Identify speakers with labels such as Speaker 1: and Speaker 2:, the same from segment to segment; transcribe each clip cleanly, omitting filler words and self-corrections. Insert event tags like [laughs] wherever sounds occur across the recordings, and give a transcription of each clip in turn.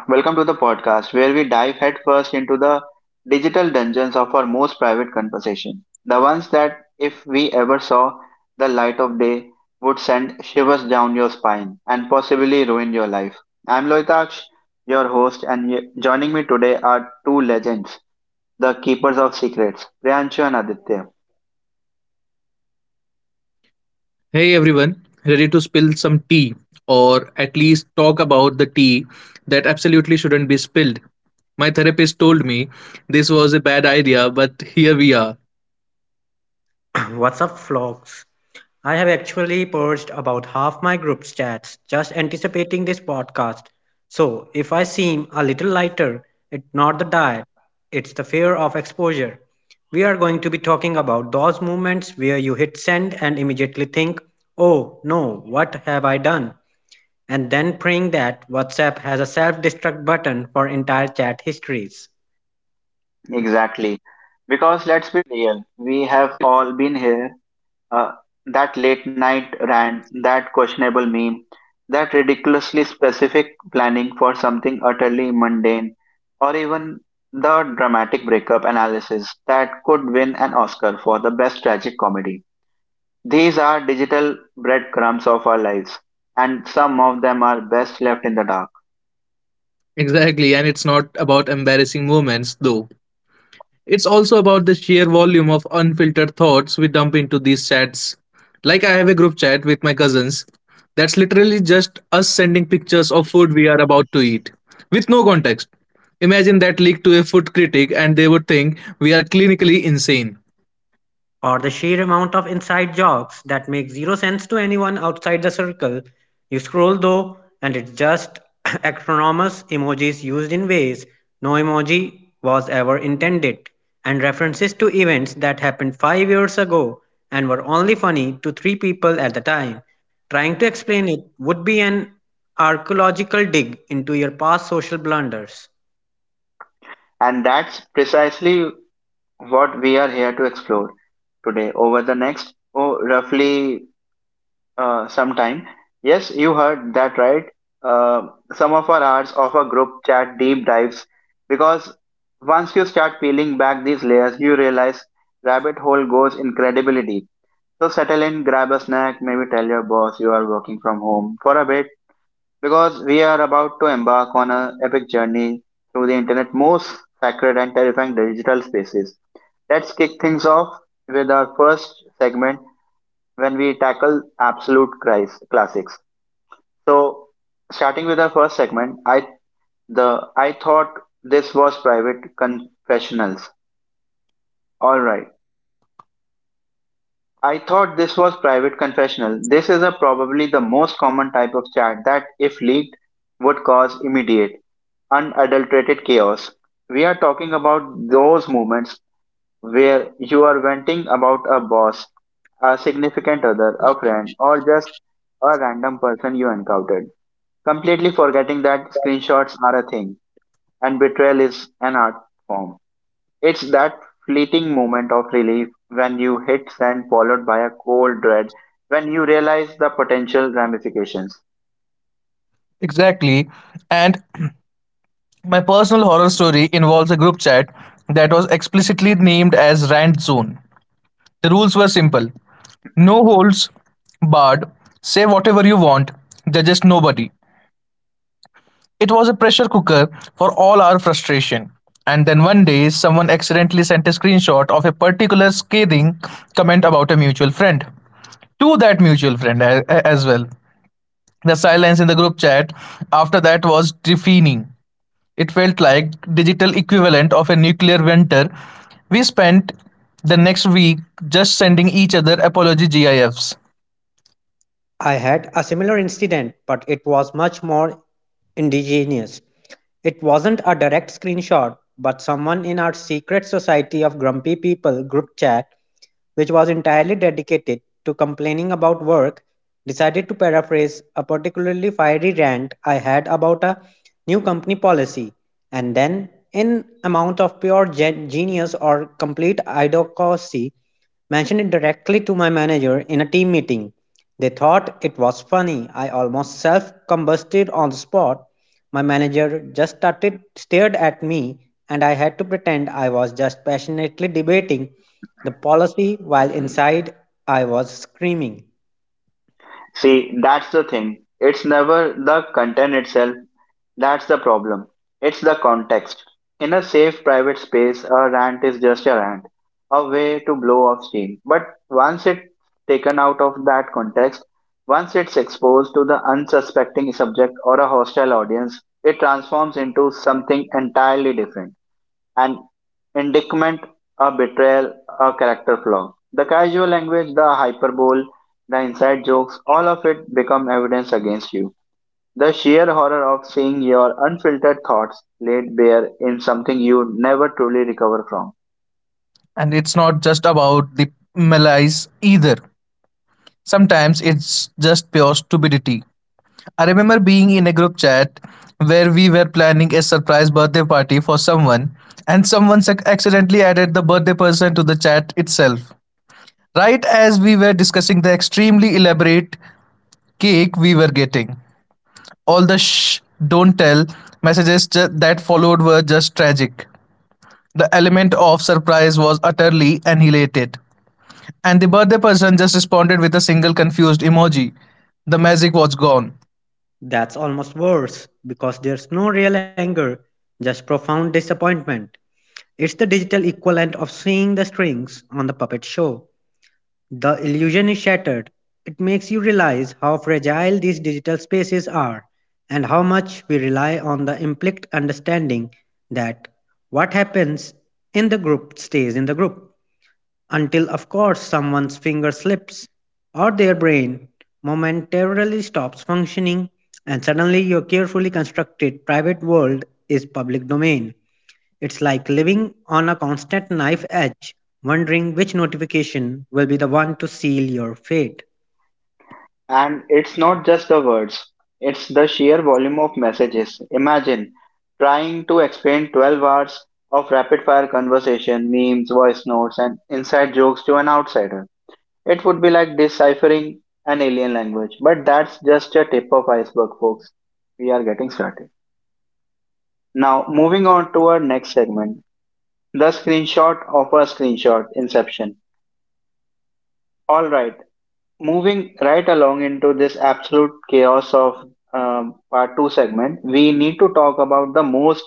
Speaker 1: welcome to the podcast where we dive headfirst into the digital dungeons of our most private conversation. The ones that, if we ever saw the light of day, would send shivers down your spine and possibly ruin your life. I'm Loitaksh, your host, and joining me today are two legends, the keepers of secrets, Priyanshu and Aditya.
Speaker 2: Hey everyone, ready to spill some tea, or at least talk about the tea that absolutely shouldn't be spilled. My therapist told me this was a bad idea, but here we are.
Speaker 3: [coughs] [clears throat] What's up, flocks? I have actually purged about half my group chats just anticipating this podcast. So, if I seem a little lighter, it's not the diet, it's the fear of exposure. We are going to be talking about those moments where you hit send and immediately think, oh no, what have I done? And then praying that WhatsApp has a self destruct button for entire chat histories.
Speaker 1: Exactly. Because let's be real, we have all been here. Uh, that late night rant, that questionable meme, that ridiculously specific planning for something utterly mundane, or even the dramatic breakup analysis that could win an Oscar for the best tragic comedy. These are digital breadcrumbs of our lives, and some of them are best left in the dark.
Speaker 2: Exactly, and it's not about embarrassing moments though. It's also about the sheer volume of unfiltered thoughts we dump into these chats. Like, I have a group chat with my cousins that's literally just us sending pictures of food we are about to eat with no context. Imagine that leaked to a food critic and they would think we are clinically insane.
Speaker 3: Or the sheer amount of inside jokes that make zero sense to anyone outside the circle. You scroll though, and it's just [laughs] acronymous emojis used in ways no emoji was ever intended, and references to events that happened 5 years ago and were only funny to three people at the time. Trying to explain it would be an archaeological dig into your past social blunders.
Speaker 1: And that's precisely what we are here to explore today over the next, oh, roughly, sometime. Yes, you heard that right. Uh, some of our hours of a group chat deep dives, because once you start peeling back these layers, you realize rabbit hole goes incredibly deep. So settle in, grab a snack, maybe tell your boss you are working from home for a bit, because we are about to embark on an epic journey through the internet most sacred and terrifying digital spaces. Let's kick things off with our first segment when we tackle absolute Christ classics. So, starting with our first segment, I thought this was private confessionals. All right. I thought this was private confessional. This is a probably the most common type of chat that if leaked would cause immediate unadulterated chaos. We are talking about those moments where you are venting about a boss, a significant other, a friend, or just a random person you encountered, completely forgetting that screenshots are a thing, and betrayal is an art form. It's that fleeting moment of relief when you hit send, followed by a cold dread when you realize the potential ramifications.
Speaker 2: Exactly. And [clears throat] my personal horror story involves a group chat that was explicitly named as Rant Zone. The rules were simple: no holds barred, say whatever you want, judges nobody. It was a pressure cooker for all our frustration. And then one day, someone accidentally sent a screenshot of a particular scathing comment about a mutual friend to that mutual friend as well. The silence in the group chat after that was deafening. It felt like digital equivalent of a nuclear winter. We spent the next week just sending each other apology GIFs.
Speaker 3: I had a similar incident, but it was much more indigenous. It wasn't a direct screenshot, but someone in our secret society of grumpy people group chat, which was entirely dedicated to complaining about work, decided to paraphrase a particularly fiery rant I had about a new company policy, and then, in amount of pure genius or complete idiocy, mentioned it directly to my manager in a team meeting. They thought it was funny. I almost self combusted on the spot. My manager just started stared at me and I had to pretend I was just passionately debating the policy while inside I was screaming.
Speaker 1: See, that's the thing. It's never the content itself, that's the problem. It's the context. In a safe private space, a rant is just a rant, a way to blow off steam. But once it's taken out of that context, once it's exposed to the unsuspecting subject or a hostile audience, it transforms into something entirely different, an indictment, a betrayal, a character flaw. The casual language, the hyperbole, the inside jokes, all of it become evidence against you. The sheer horror of seeing your unfiltered thoughts laid bare in something you never truly recover from.
Speaker 2: And it's not just about the malaise either. Sometimes it's just pure stupidity. I remember being in a group chat where we were planning a surprise birthday party for someone, and someone accidentally added the birthday person to the chat itself, right as we were discussing the extremely elaborate cake we were getting. All the "shh, don't tell" messages that followed were just tragic. The element of surprise was utterly annihilated, and the birthday person just responded with a single confused emoji. The magic was gone.
Speaker 3: That's almost worse because there's no real anger, just profound disappointment. It's the digital equivalent of seeing the strings on the puppet show. The illusion is shattered. It makes you realize how fragile these digital spaces are and how much we rely on the implicit understanding that what happens in the group stays in the group until, of course, someone's finger slips or their brain momentarily stops functioning and suddenly your carefully constructed private world is public domain. It's like living on a constant knife edge, wondering which notification will be the one to seal your fate.
Speaker 1: And it's not just the words, it's the sheer volume of messages. Imagine trying to explain 12 hours of rapid fire conversation, memes, voice notes, and inside jokes to an outsider. It would be like deciphering an alien language. But that's just a tip of iceberg, folks. We are getting started. Now, moving on to our next segment, the screenshot of a screenshot inception. All right, moving right along into this absolute chaos of part 2 segment, we need to talk about the most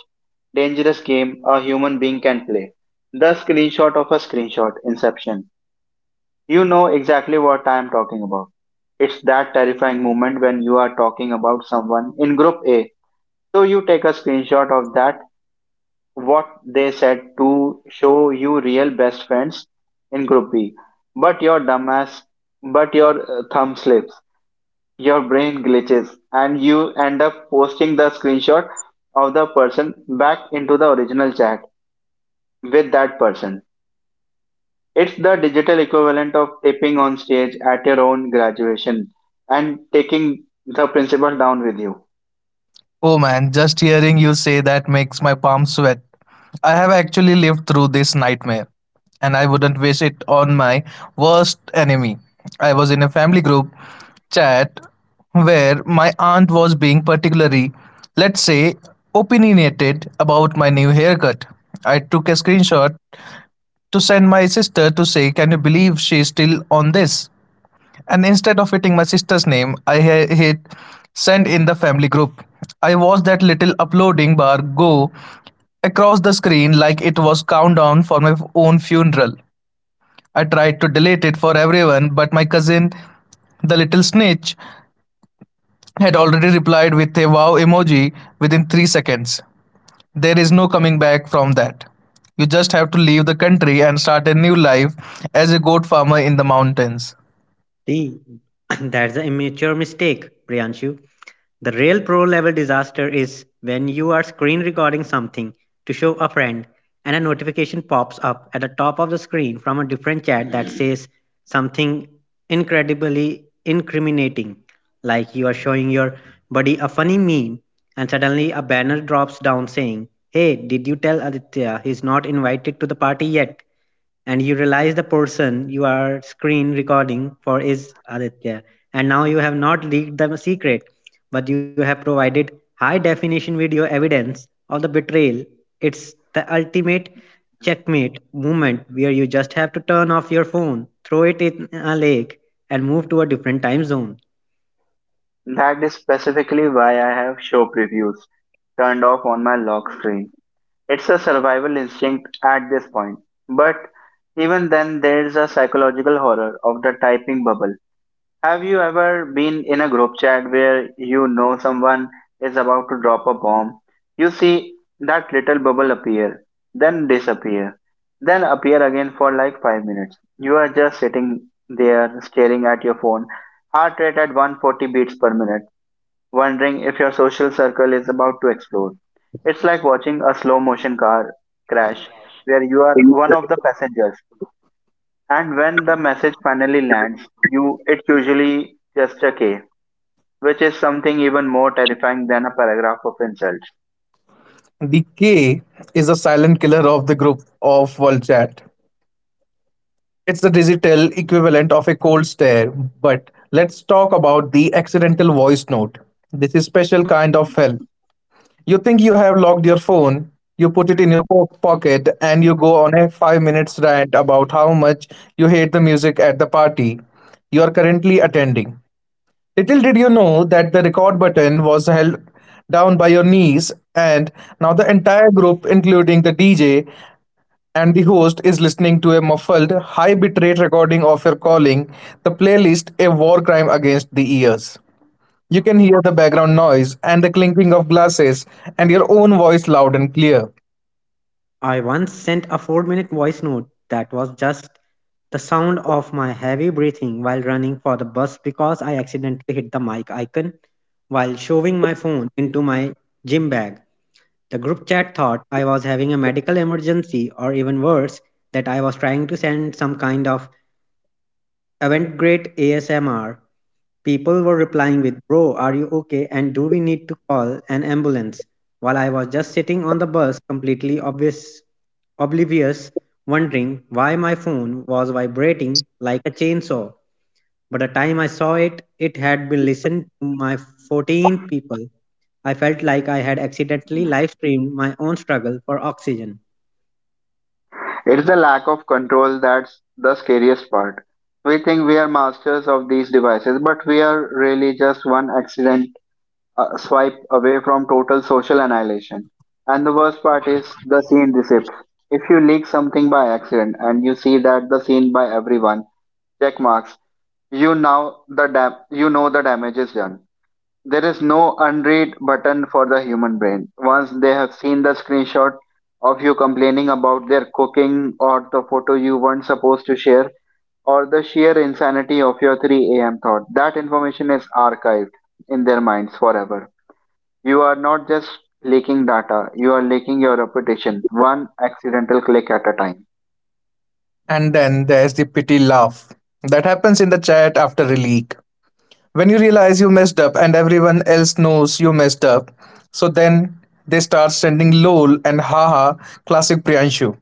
Speaker 1: dangerous game a human being can play, the screenshot of a screenshot inception. You know exactly what I am talking about. It's that terrifying moment when you are talking about someone in group A. So you take a screenshot of that what they said to show you real best friends in group B. But your dumbass, but your thumb slips, your brain glitches, and you end up posting the screenshot of the person back into the original chat with that person. It's the digital equivalent of tipping on stage at your own graduation and taking the principal down with you.
Speaker 2: Oh man, just hearing you say that makes my palms sweat. I have actually lived through this nightmare, and I wouldn't wish it on my worst enemy. I was in a family group chat where my aunt was being particularly, let's say, opinionated about my new haircut. I took a screenshot to send my sister to say, "Can you believe she's still on this?" And instead of hitting my sister's name, I hit send in the family group. I watched that little uploading bar go across the screen like it was countdown for my own funeral. I tried to delete it for everyone, but my cousin, the little snitch, had already replied with a wow emoji within 3 seconds. There is no coming back from that. You just have to leave the country and start a new life as a goat farmer in the mountains.
Speaker 3: The, [clears throat] that's an immature mistake, Priyanshu. The real pro level disaster is when you are screen recording something to show a friend and a notification pops up at the top of the screen from a different chat that says something incredibly incriminating, like you are showing your buddy a funny meme and suddenly a banner drops down saying, "Hey, did you tell Aditya he's not invited to the party yet?" And you realize the person you are screen recording for is Aditya, and now you have not leaked the secret but you have provided high definition video evidence of the betrayal. It's the ultimate checkmate moment where you just have to turn off your phone, throw it in a lake, and move to a different time zone.
Speaker 1: That is specifically why I have show previews turned off on my lock screen. It's a survival instinct at this point. But even then, there's a psychological horror of the typing bubble. Have you ever been in a group chat where you know someone is about to drop a bomb? You see that little bubble appear, then disappear, then appear again for like 5 minutes. You are just sitting there staring at your phone, heart rate at 140 beats per minute, wondering if your social circle is about to explode. It's like watching a slow motion car crash where you are one of the passengers, and when the message finally lands you, it's usually just a K, which is something even more terrifying than a paragraph of insults.
Speaker 2: The K is a silent killer of the group of WorldChat. It's the digital equivalent of a cold stare. But let's talk about the accidental voice note. This is special kind of hell. You think you have locked your phone, you put it in your pocket, and you go on a 5 minute rant about how much you hate the music at the party you are currently attending. Little did you know that the record button was held down by your knees, and now the entire group, including the DJ and the host, is listening to a muffled, high bitrate recording of your calling the playlist a war crime against the ears. You can hear the background noise and the clinking of glasses and your own voice loud and clear.
Speaker 3: I once sent a 4-minute voice note that was just the sound of my heavy breathing while running for the bus because I accidentally hit the mic icon while shoving my phone into my gym bag. The group chat thought I was having a medical emergency or even worse, that I was trying to send some kind of Avantgrade ASMR. People were replying with, "Bro, are you okay? And do we need to call an ambulance?" While I was just sitting on the bus, completely obvious, oblivious, wondering why my phone was vibrating like a chainsaw. By the time I saw it, it had been listened to by 14 people. I felt like I had accidentally live streamed my own struggle for oxygen.
Speaker 1: It's the lack of control that's the scariest part. We think we are masters of these devices, but we are really just one accident, a swipe away from total social annihilation. And the worst part is the scene receipts. If you leak something by accident and you see that the scene by everyone check marks, you you know the damage is done. There is no unread button for the human brain. Once they have seen the screenshot of you complaining about their cooking, or the photo you weren't supposed to share, or the sheer insanity of your 3 a.m. thought, that information is archived in their minds forever. You are not just leaking data, you are leaking your reputation, one accidental click at a time.
Speaker 2: And then there's the pity laugh that happens in the chat after a leak. When you realize you messed up and everyone else knows you messed up, so then they start sending lol and haha, classic Priyanshu.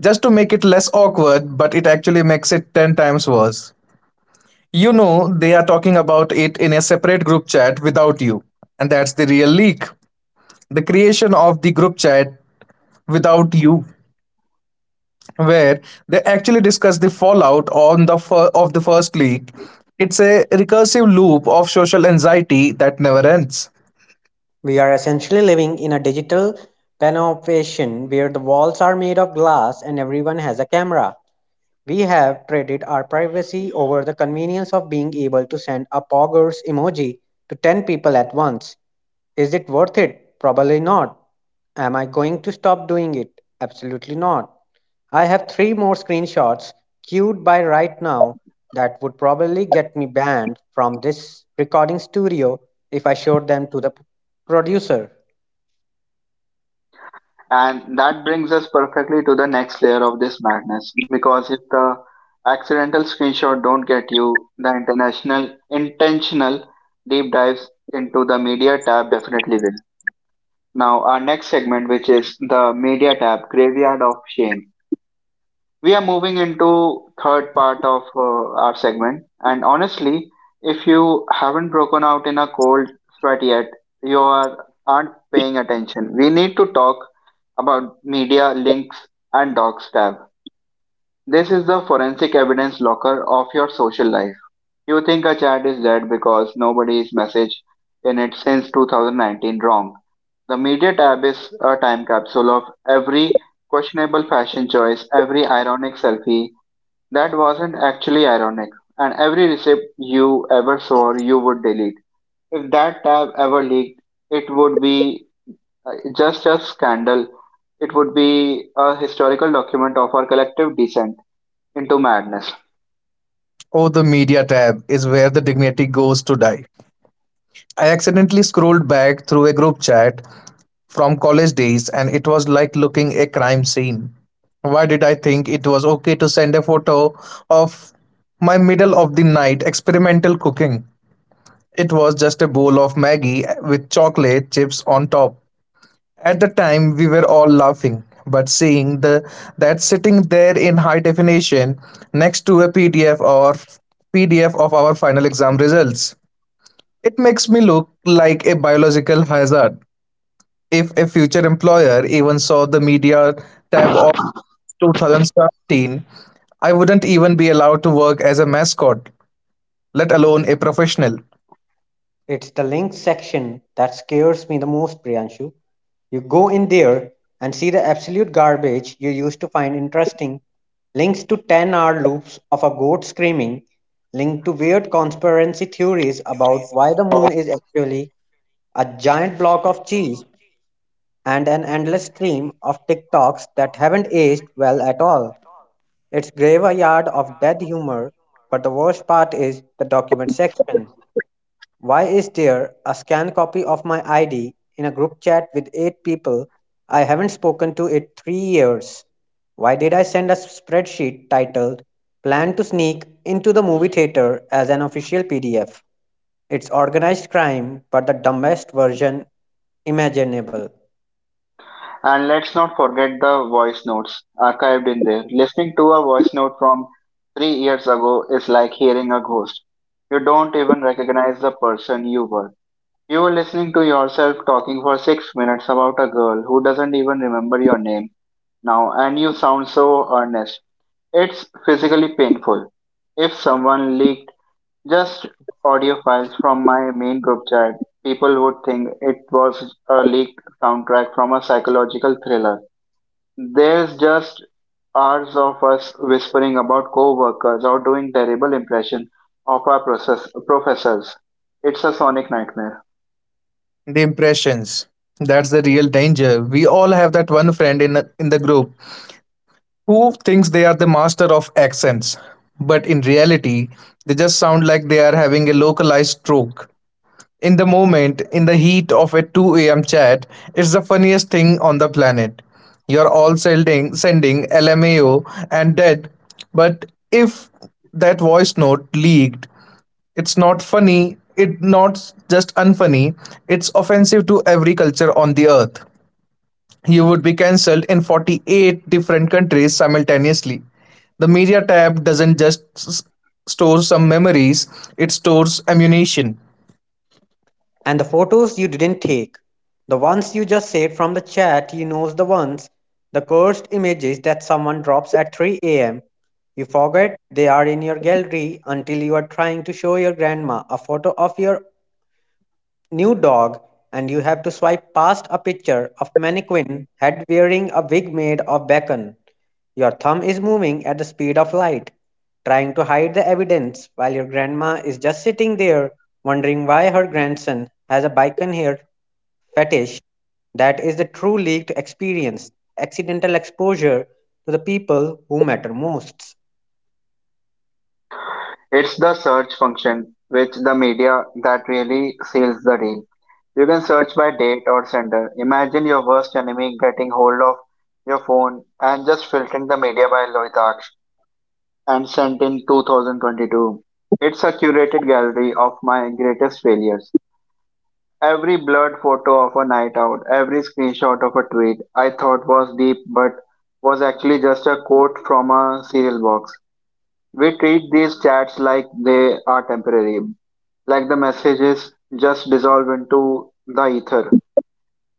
Speaker 2: Just to make it less awkward, but it actually makes it 10 times worse. You know they are talking about it in a separate group chat without you. And that's the real leak. The creation of the group chat without you, where they actually discuss the fallout on the of the first leak. It's a recursive loop of social anxiety that never ends.
Speaker 3: We are essentially living in a digital panopticon where the walls are made of glass and everyone has a camera. We have traded our privacy over the convenience of being able to send a poggers emoji to 10 people at once. Is it worth it? Probably not. Am I going to stop doing it? Absolutely not. I have three more screenshots queued by right now that would probably get me banned from this recording studio if I showed them to the producer.
Speaker 1: And that brings us perfectly to the next layer of this madness, because if the accidental screenshot don't get you, the international intentional deep dives into the media tab definitely will. Now, our next segment, which is the media tab graveyard of shame. We are moving into third part of our segment, and honestly, if you haven't broken out in a cold sweat yet, you are aren't paying attention. We need to talk about media links and docs tab. This is the forensic evidence locker of your social life. You think a chat is dead because nobody's messaged in it since 2019. Wrong. The media tab is a time capsule of every questionable fashion choice, every ironic selfie that wasn't actually ironic, and every receipt you ever saw you would delete. If that tab ever leaked, it would be, just a scandal. It would be a historical document of our collective descent into madness.
Speaker 2: Oh, the media tab is where the dignity goes to die. I accidentally scrolled back through a group chat from college days and it was like looking a crime scene. Why did I think it was okay to send a photo of my middle of the night experimental cooking? It was just a bowl of Maggie with chocolate chips on top. At the time, we were all laughing, but seeing the that sitting there in high definition next to a PDF or PDF of our final exam results, it makes me look like a biological hazard. If a future employer even saw the media tab of 2017, I wouldn't even be allowed to work as a mascot, let alone a professional.
Speaker 3: It's the links section that scares me the most, Priyanshu. You go in there and see the absolute garbage you used to find interesting links to 10 hour loops of a goat screaming, linked to weird conspiracy theories about why the moon is actually a giant block of cheese, and an endless stream of TikToks that haven't aged well at all. It's graveyard of dead humor, but the worst part is the document section. Why is there a scanned copy of my ID in a group chat with eight people I haven't spoken to in 3 years? Why did I send a spreadsheet titled Plan to Sneak into the Movie Theater as an official PDF? It's organized crime, but the dumbest version imaginable.
Speaker 1: And let's not forget the voice notes archived in there. Listening to a voice note from 3 years ago is like hearing a ghost. You don't even recognize the person you were. You were listening to yourself talking for 6 minutes about a girl who doesn't even remember your name now, and you sound so earnest. It's physically painful. If someone leaked just audio files from my main group chat, people would think it was a leaked soundtrack from a psychological thriller. There's just hours of us whispering about co-workers or doing terrible impression of our professors. It's a sonic nightmare.
Speaker 2: The impressions. That's the real danger. We all have that one friend in the group who thinks they are the master of accents, but in reality, they just sound like they are having a localized stroke. In the moment, in the heat of a 2 a.m. chat, it's the funniest thing on the planet. You're all sending LMAO and dead, but if that voice note leaked, it's not funny. It not just unfunny. It's offensive to every culture on the earth. You would be cancelled in 48 different countries simultaneously. The media tab doesn't just store some memories, it stores ammunition.
Speaker 3: And the photos you didn't take, the ones you just saved from the chat you knows the ones, the cursed images that someone drops at 3 am. You forget they are in your gallery until you are trying to show your grandma a photo of your new dog and you have to swipe past a picture of mannequin head wearing a wig made of bacon. Your thumb is moving at the speed of light, trying to hide the evidence while your grandma is just sitting there wondering why her grandson has a bacon hair fetish. That is the true leaked experience, accidental exposure to the people who matter most.
Speaker 1: It's the search function, which the media that really seals the deal. You can search by date or sender. Imagine your worst enemy getting hold of your phone and just filtering the media by Loitaksh and sent in 2022. It's a curated gallery of my greatest failures. Every blurred photo of a night out, every screenshot of a tweet I thought was deep but was actually just a quote from a cereal box. We treat these chats like they are temporary, like the messages just dissolve into the ether.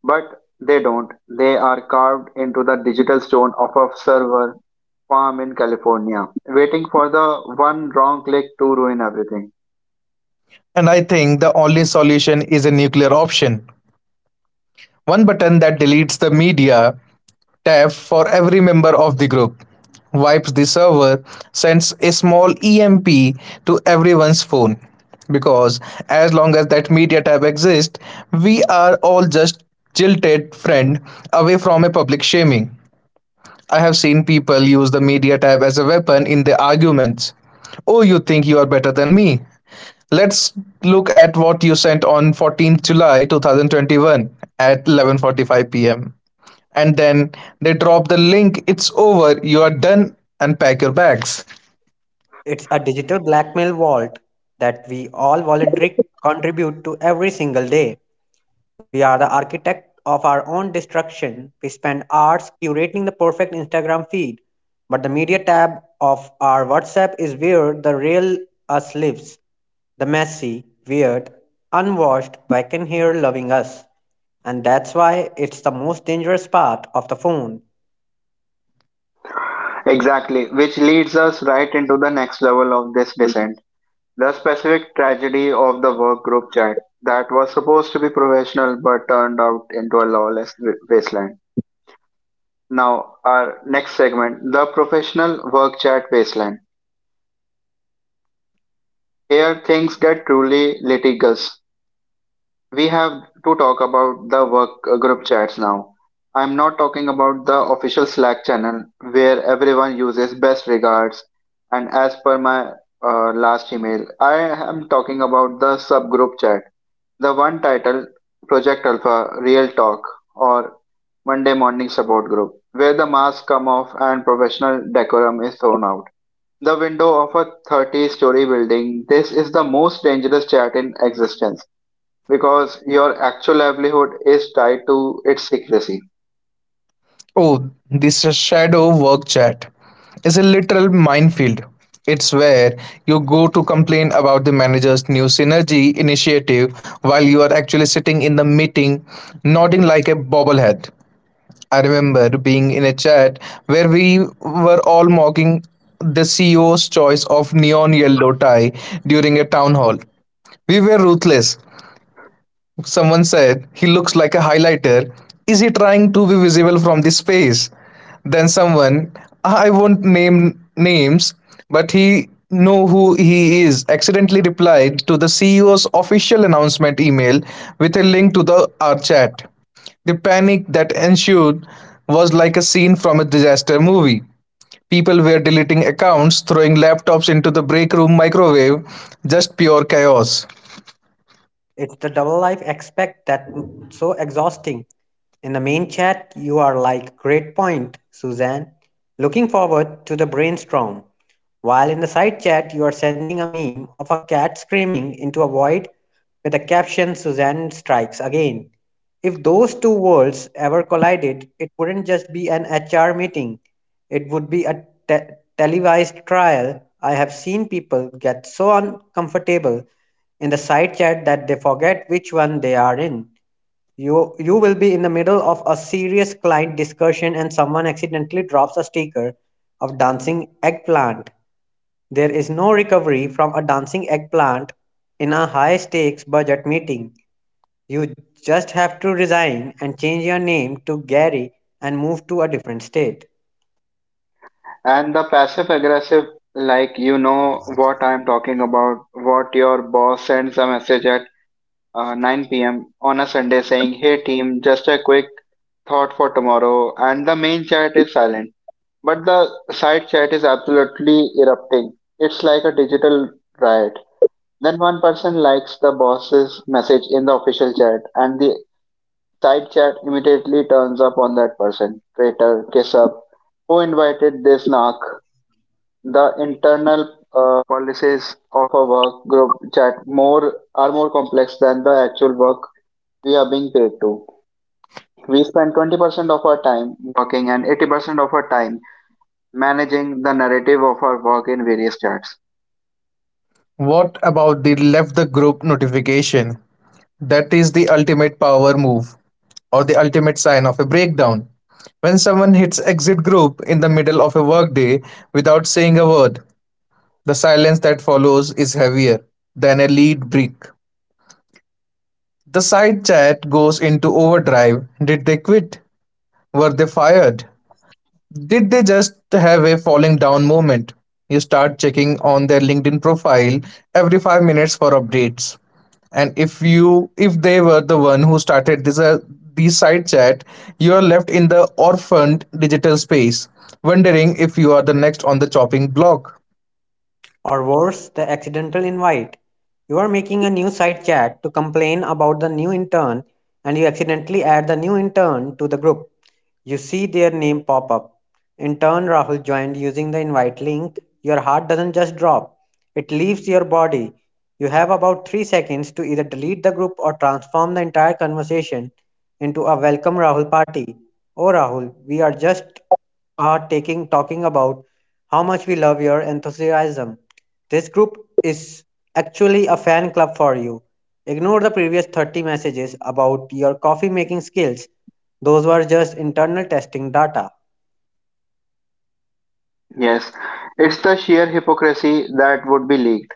Speaker 1: But they don't. They are carved into the digital stone of a server farm in California, waiting for the one wrong click to ruin everything.
Speaker 2: And I think the only solution is a nuclear option. One button that deletes the media tab for every member of the group, wipes the server, sends a small EMP to everyone's phone. Because as long as that media tab exists, we are all just jilted friend away from a public shaming. I have seen people use the media tab as a weapon in their arguments. Oh, you think you are better than me? Let's look at what you sent on 14th July 2021 at 11:45 p.m. And then they drop the link. It's over. You are done and pack your bags.
Speaker 3: It's a digital blackmail vault that we all voluntarily contribute to every single day. We are the architect of our own destruction. We spend hours curating the perfect Instagram feed, but the media tab of our WhatsApp is where the real us lives. The messy, weird, unwashed, but can hear loving us. And that's why it's the most dangerous part of the phone.
Speaker 1: Exactly, which leads us right into the next level of this descent, the specific tragedy of the work group chat that was supposed to be professional but turned out into a lawless wasteland. Now, our next segment, the professional work chat wasteland. Here things get truly litigious. We have to talk about the work group chats now. I'm not talking about the official Slack channel where everyone uses best regards and as per my last email. I am talking about the subgroup chat. The one titled Project Alpha Real Talk or Monday Morning Support Group, where the mask come off and professional decorum is thrown out. The window of a 30-story building. This is the most dangerous chat in existence because your actual livelihood is tied to its secrecy.
Speaker 2: Oh, this shadow work chat is a literal minefield. It's where you go to complain about the manager's new synergy initiative while you are actually sitting in the meeting nodding like a bobblehead. I remember being in a chat where we were all mocking the CEO's choice of neon yellow tie during a town hall. We were ruthless. Someone said he looks like a highlighter. Is he trying to be visible from the space? Then someone, I won't name names, but he know who he is, accidentally replied to the CEO's official announcement email with a link to the our chat. The panic that ensued was like a scene from a disaster movie. People were deleting accounts, throwing laptops into the break room microwave, just pure chaos.
Speaker 3: It's the double life aspect that so exhausting. In the main chat, you are like, "Great point, Suzanne. Looking forward to the brainstorm." While in the side chat, you are sending a meme of a cat screaming into a void with the caption "Suzanne strikes again." If those two worlds ever collided, it wouldn't just be an HR meeting, it would be a televised trial. I have seen people get so uncomfortable in the side chat that they forget which one they are in. You will be in the middle of a serious client discussion and someone accidentally drops a sticker of dancing eggplant. There is no recovery from a dancing eggplant in a high stakes budget meeting. You just have to resign and change your name to Gary and move to a different state.
Speaker 1: And the passive aggressive, like you know what I'm talking about, what your boss sends a message at 9 p.m. on a Sunday saying, Hey team, just a quick thought for tomorrow. And the main chat is silent, but the side chat is absolutely erupting. It's like a digital riot. Then one person likes the boss's message in the official chat, and the side chat immediately turns up on that person. Traitor, kiss up. Who invited this narc? The internal policies of a work group chat more complex than the actual work we are being paid to. We spend 20% of our time working and 80% of our time managing the narrative of our work in various chats.
Speaker 2: What about the left the group notification? That is the ultimate power move, or the ultimate sign of a breakdown. When someone hits exit group in the middle of a workday without saying a word, the silence that follows is heavier than a lead brick. The side chat goes into overdrive. Did they quit? Were they fired? Did they just have a falling down moment? You start checking on their LinkedIn profile every 5 minutes for updates. And if you if they were the one who started this these side chat, you are left in the orphaned digital space, wondering if you are the next on the chopping block.
Speaker 3: Or worse, the accidental invite. You are making a new side chat to complain about the new intern and you accidentally add the new intern to the group. You see their name pop up. In turn, Rahul joined using the invite link. Your heart doesn't just drop, it leaves your body. You have about 3 seconds to either delete the group or transform the entire conversation into a welcome Rahul party. "Oh, Rahul, we are just are taking talking about how much we love your enthusiasm. This group is actually a fan club for you. Ignore the previous 30 messages about your coffee making skills. Those were just internal testing data."
Speaker 1: Yes, it's the sheer hypocrisy that would be leaked,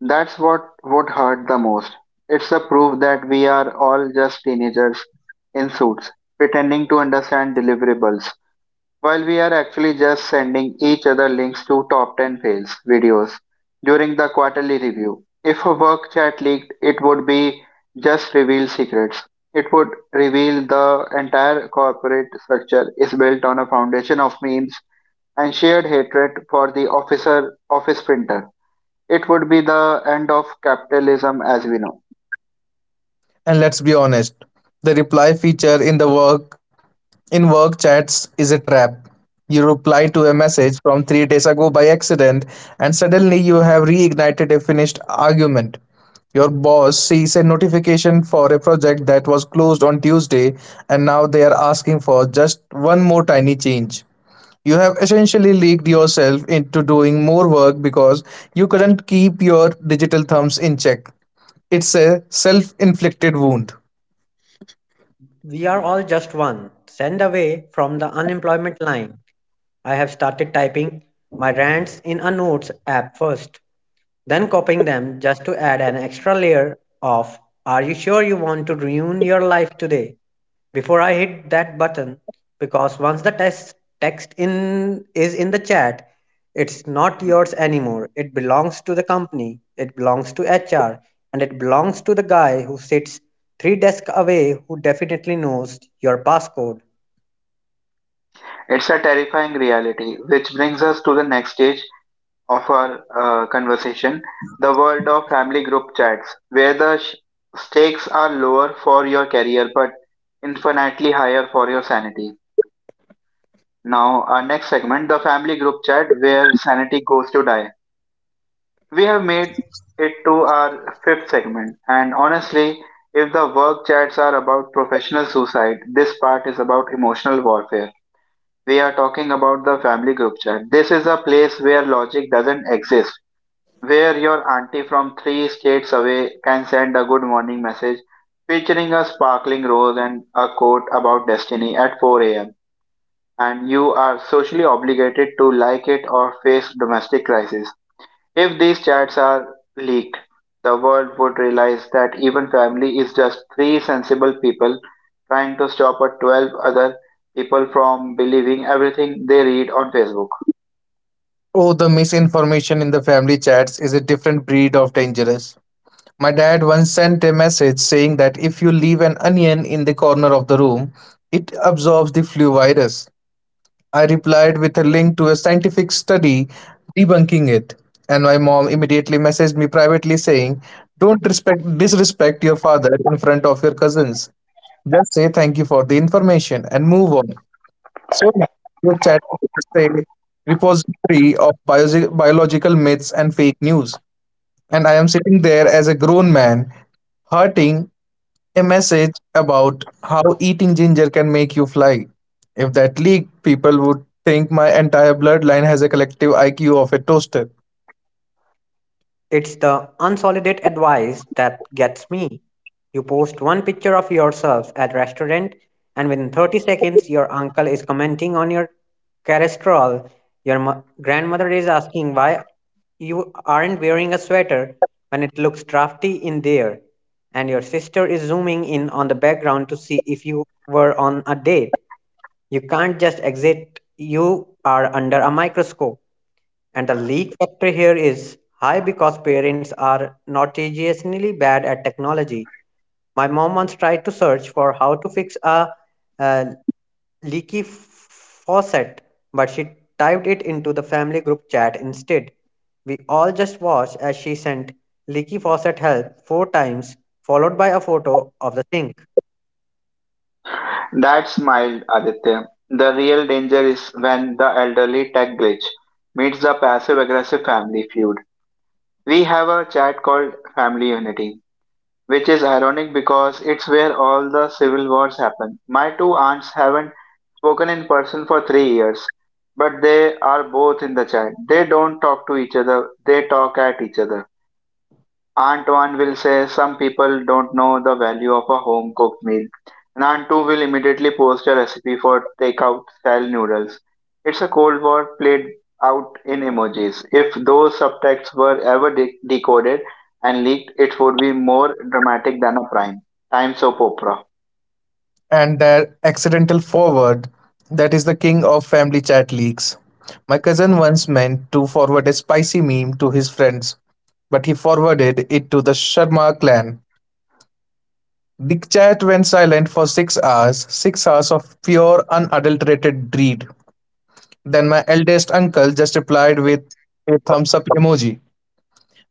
Speaker 1: that's what would hurt the most. It's a proof that we are all just teenagers in suits, pretending to understand deliverables, while we are actually just sending each other links to top 10 fails videos during the quarterly review. If a work chat leaked, it would be just reveal secrets. It would reveal the entire corporate structure is built on a foundation of memes and shared hatred for the officer office printer. It would be the end of capitalism as we know.
Speaker 2: And let's be honest, the reply feature in the work chats is a trap. You reply to a message from 3 days ago by accident and suddenly you have reignited a finished argument. Your boss sees a notification for a project that was closed on Tuesday and now they are asking for just one more tiny change. You have essentially leaked yourself into doing more work because you couldn't keep your digital thumbs in check. It's a self inflicted wound.
Speaker 3: We are all just one. Send away from the unemployment line. I have started typing my rants in a notes app first, then copying them just to add an extra layer of "Are you sure you want to ruin your life today?" before I hit that button, because once the text text in is in the chat, it's not yours anymore. It belongs to the company, it belongs to HR, and it belongs to the guy who sits three desks away who definitely knows your passcode.
Speaker 1: It's a terrifying reality, which brings us to the next stage of our conversation, the world of family group chats, where the stakes are lower for your career but infinitely higher for your sanity. Now, our next segment, the family group chat, where sanity goes to die. We have made it to our fifth segment, and honestly, if the work chats are about professional suicide, this part is about emotional warfare. We are talking about the family group chat. This is a place where logic doesn't exist, where your auntie from three states away can send a good morning message featuring a sparkling rose and a quote about destiny at 4 a.m., and you are socially obligated to like it or face domestic crisis. If these chats are leaked, the world would realize that even family is just three sensible people trying to stop a 12 other people from believing everything they read on Facebook.
Speaker 2: Oh, the misinformation in the family chats is a different breed of dangerous. My dad once sent a message saying that if you leave an onion in the corner of the room, it absorbs the flu virus. I replied with a link to a scientific study debunking it, and my mom immediately messaged me privately saying, "Don't respect disrespect your father in front of your cousins. Just say thank you for the information and move on." So, group chat is a repository of biological myths and fake news. And I am sitting there as a grown man, hurting a message about how eating ginger can make you fly. If that leaked, people would think my entire bloodline has a collective IQ of a toaster.
Speaker 3: It's the unsolicited advice that gets me. You post one picture of yourself at restaurant and within 30 seconds your uncle is commenting on your cholesterol. Your grandmother is asking why you aren't wearing a sweater when it looks drafty in there. And your sister is zooming in on the background to see if you were on a date. You can't just exit. You are under a microscope. And the leak factor here is high because parents are notoriously bad at technology. My mom once tried to search for how to fix a, uh leaky faucet, but she typed it into the family group chat instead. We all just watched as she sent leaky faucet help four times, followed by a photo of the sink.
Speaker 1: That smiled Aditya. The real danger is when the elderly tech glitch meets the passive aggressive family feud. We have a chat called Family Unity, which is ironic because it's where all the civil wars happen. My two aunts haven't spoken in person for 3 years, but they are both in the chat. They don't talk to each other, they talk at each other. Aunt one will say some people don't know the value of a home cooked meal, and Aunt two will immediately post a recipe for takeout style noodles. It's a Cold War played out in emojis. If those subtexts were ever decoded and leaked, it would be more dramatic than a prime time soap opera.
Speaker 2: And their accidental forward, that is the king of family chat leaks. My cousin once meant to forward a spicy meme to his friends, but he forwarded it to the Sharma clan. The chat went silent for 6 hours, 6 hours of pure unadulterated dread. Then my eldest uncle just replied with a thumbs up emoji.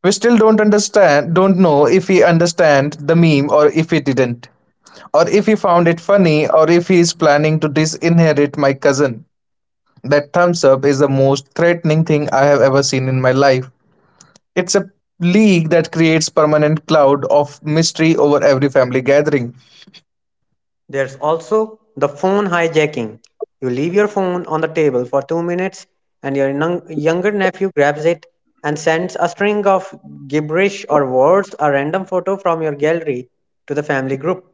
Speaker 2: We still don't know if he understand the meme or if he didn't. Or if he found it funny, or if he is planning to disinherit my cousin. That thumbs up is the most threatening thing I have ever seen in my life. It's a league that creates permanent cloud of mystery over every family gathering.
Speaker 3: There's also the phone hijacking. You leave your phone on the table for 2 minutes, and your younger nephew grabs it and sends a string of gibberish or words, a random photo from your gallery to the family group.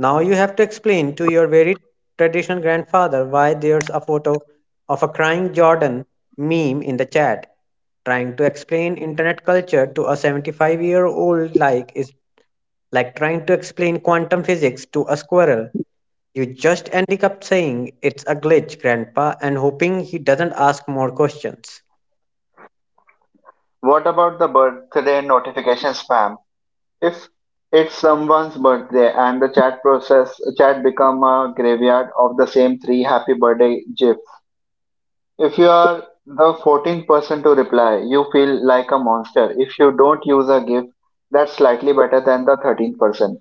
Speaker 3: Now you have to explain to your very traditional grandfather why there's a photo of a crying Jordan meme in the chat. Trying to explain internet culture to a 75-year-old like is like trying to explain quantum physics to a squirrel. You just ending up saying it's a glitch, Grandpa, and hoping he doesn't ask more questions.
Speaker 1: What about the birthday notification spam? If it's someone's birthday and the chat become a graveyard of the same three happy birthday gifs. If you are the 14th person to reply, you feel like a monster. If you don't use a gift, that's slightly better than the 13th person.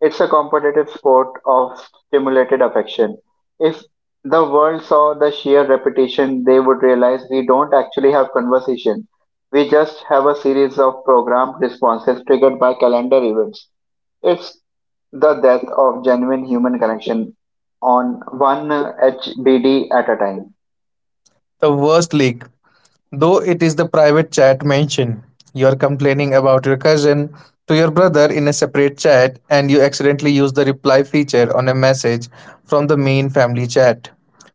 Speaker 1: It's a competitive sport of stimulated affection. If the world saw the sheer repetition, they would realize we don't actually have conversation. We just have a series of programmed responses triggered by calendar events. It's the death of genuine human connection on one HBD at a time.
Speaker 2: The worst league. Though it is the private chat mention. You're complaining about your cousin to your brother in a separate chat and you accidentally use the reply feature on a message from the main family chat.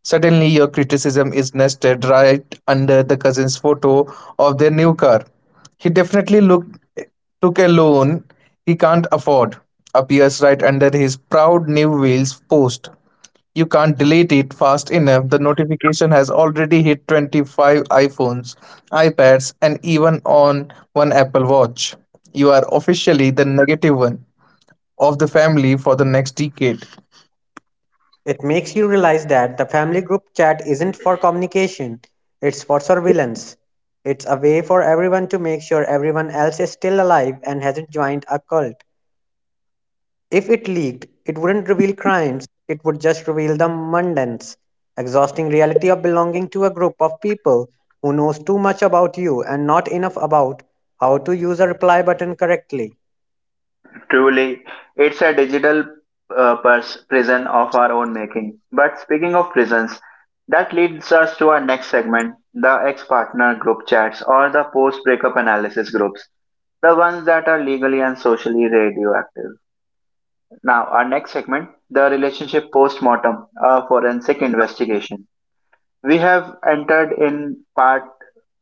Speaker 2: Suddenly, your criticism is nested right under the cousin's photo of their new car. He definitely looked, took a loan he can't afford, appears right under his proud new wheels post. You can't delete it fast enough. The notification has already hit 25 iPhones, iPads, and even on one Apple Watch. You are officially the negative one of the family for the next decade.
Speaker 3: It makes you realize that the family group chat isn't for communication, it's for surveillance. It's a way for everyone to make sure everyone else is still alive and hasn't joined a cult. If it leaked, it wouldn't reveal crimes, it would just reveal the mundane, exhausting reality of belonging to a group of people who knows too much about you and not enough about how to use a reply button correctly.
Speaker 1: Truly, it's a digital prison of our own making. But speaking of prisons, that leads us to our next segment, the ex partner group chats, or the post breakup analysis groups, the ones that are legally and socially radioactive. Now, our next segment, the relationship post mortem, a forensic investigation. We have entered in part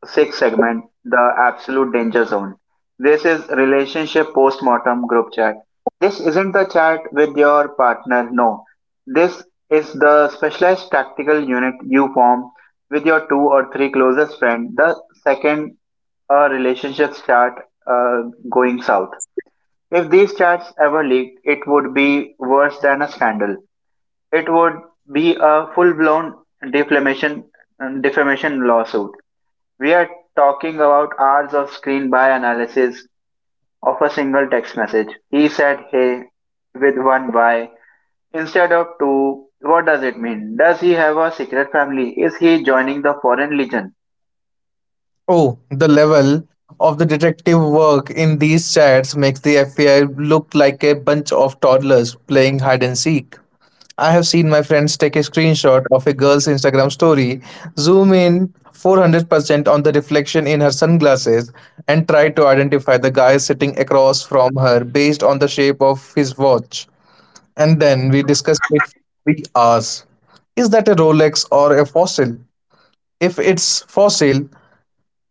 Speaker 1: sixth segment, the absolute danger zone. This is relationship postmortem group chat. This isn't the chat with your partner, no. This is the specialized tactical unit you form with your two or three closest friends the second a relationship start uh, going south. If these chats ever leaked, it would be worse than a scandal. It would be a full-blown defamation defamation lawsuit. We are talking about hours of screen by analysis of a single text message. He said hey with one Y instead of two. What does it mean? Does he have a secret family? Is he joining the Foreign Legion?
Speaker 2: Oh, the level of the detective work in these chats makes the FBI look like a bunch of toddlers playing hide and seek. I have seen my friends take a screenshot of a girl's Instagram story, zoom in 400% on the reflection in her sunglasses, and try to identify the guy sitting across from her based on the shape of his watch. And then we discuss it for 3 hours. Is that a Rolex or a fossil? If it's fossil,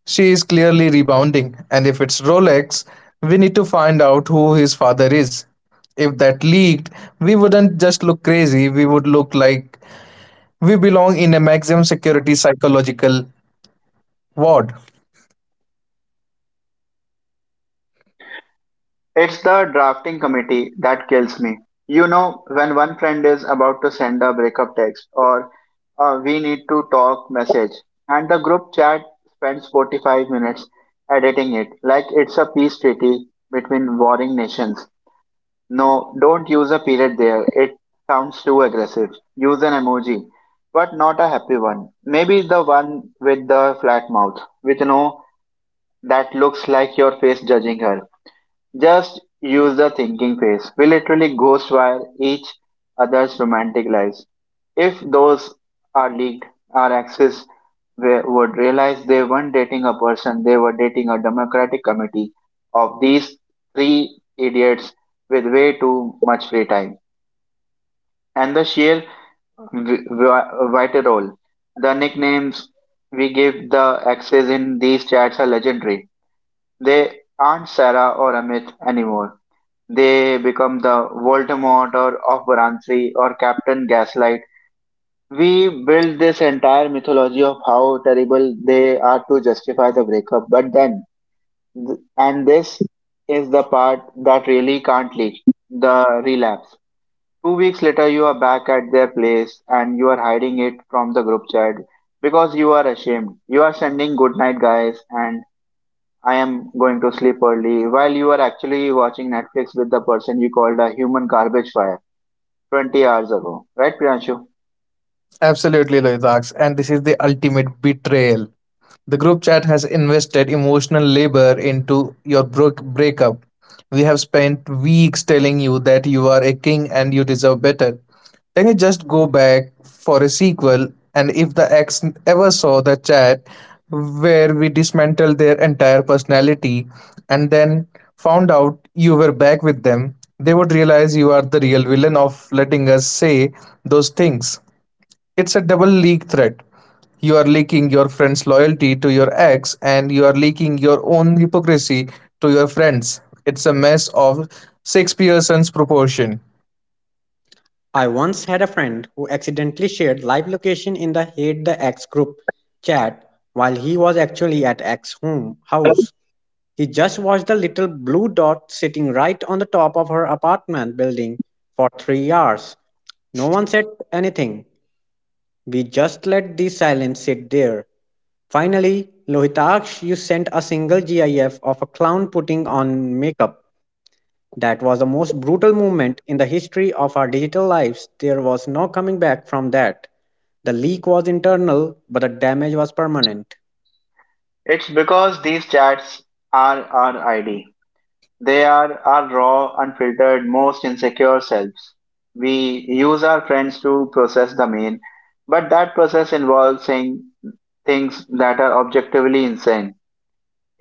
Speaker 2: she is clearly rebounding, and if it's Rolex, we need to find out who his father is. If that leaked, we wouldn't just look crazy, we would look like we belong in a maximum security psychological ward.
Speaker 1: It's the drafting committee that kills me. You know, when one friend is about to send a breakup text or a we need to talk message, and the group chat spends 45 minutes editing it like it's a peace treaty between warring nations. No, don't use a period there. It sounds too aggressive. Use an emoji, but not a happy one. Maybe the one with the flat mouth, with no that looks like your face judging her. Just use the thinking phase. We literally ghostwire each other's romantic lives. If those are leaked, our exes would realize they weren't dating a person, they were dating a democratic committee of these three idiots with way too much free time. And the sheer vital role. The nicknames we give the exes in these chats are legendary. They aren't Sarah or Amit anymore, they become the Voldemort or of Varanasi or Captain Gaslight. We build this entire mythology of how terrible they are to justify the breakup. But then, and this is the part that really can't leak, the relapse. 2 weeks later, you are back at their place and you are hiding it from the group chat because you are ashamed. You are sending good night, guys, and I am going to sleep early while you are actually watching Netflix with the person you called a human garbage fire 20 hours ago. Right, Priyanshu?
Speaker 2: Absolutely, Loizax, and this is the ultimate betrayal. The group chat has invested emotional labor into your broke breakup. We have spent weeks telling you that you are a king and you deserve better. Then you just go back for a sequel, and if the ex ever saw the chat where we dismantled their entire personality and then found out you were back with them, they would realize you are the real villain of letting us say those things. It's a double leak threat. You are leaking your friend's loyalty to your ex, and you are leaking your own hypocrisy to your friends. It's a mess of Shakespeare's proportion.
Speaker 1: It's because these chats are our ID. They are our raw, unfiltered, most insecure selves. We use our friends to process the main, but that process involves saying things that are objectively insane.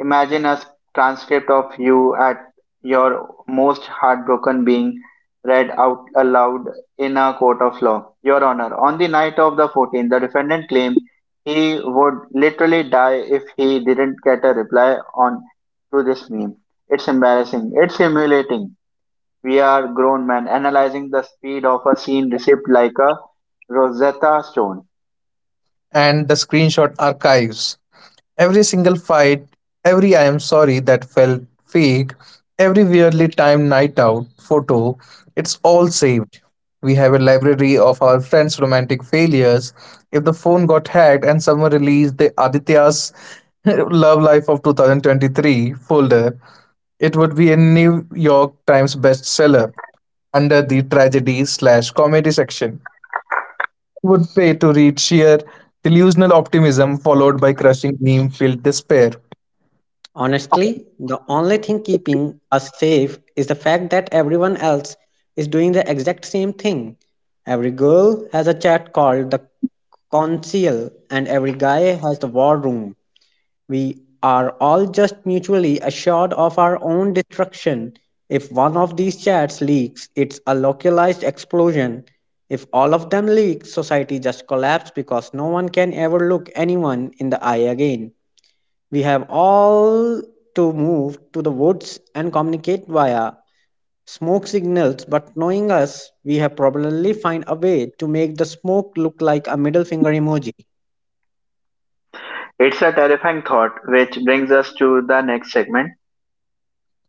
Speaker 1: Imagine a transcript of you at your most heartbroken being read out aloud in a court of law. Your Honor, on the night of the 14th, the defendant claimed he would literally die if he didn't get a reply on to this meme. It's embarrassing. It's humiliating. We are grown men analyzing the speed of a scene received like a Rosetta Stone.
Speaker 2: And the screenshot archives. Every single fight, every I am sorry that felt fake, every weirdly timed night out photo, it's all saved. We have a library of our friends' romantic failures. If the phone got hacked and someone released the Aditya's [laughs] Love Life of 2023 folder, it would be a New York Times bestseller under the tragedy slash comedy section. Would pay to read sheer delusional optimism followed by crushing meme filled despair.
Speaker 1: It's a terrifying thought, which brings us to the next segment,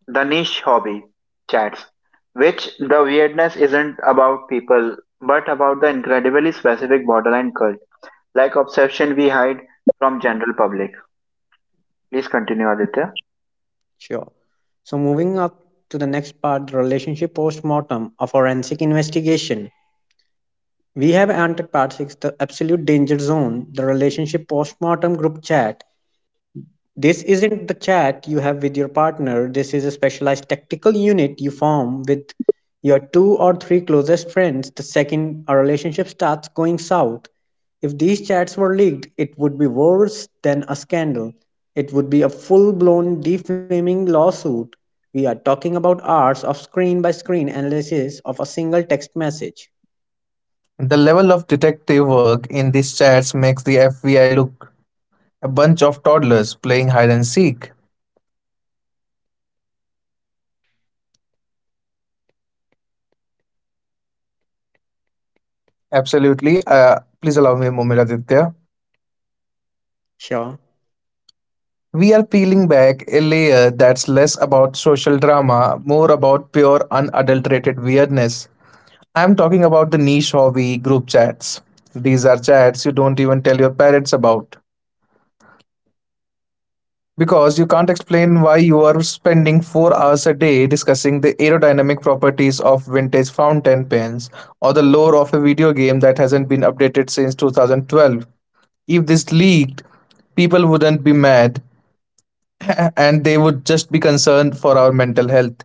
Speaker 1: the niche hobby chats, which the weirdness isn't about people but about the incredibly specific borderline cult, like obsession we hide from general public. Please continue, Aditya.
Speaker 2: The level of detective work in these chats makes the FBI look a bunch of toddlers playing hide and seek. Absolutely. Please allow me a moment, Aditya. We are peeling back a layer that's less about social drama, more about pure unadulterated weirdness. I'm talking about the niche hobby group chats. These are chats you don't even tell your parents about, because you can't explain why you are spending 4 hours a day discussing the aerodynamic properties of vintage fountain pens or the lore of a video game that hasn't been updated since 2012. If this leaked, people wouldn't be mad [laughs] and they would just be concerned for our mental health.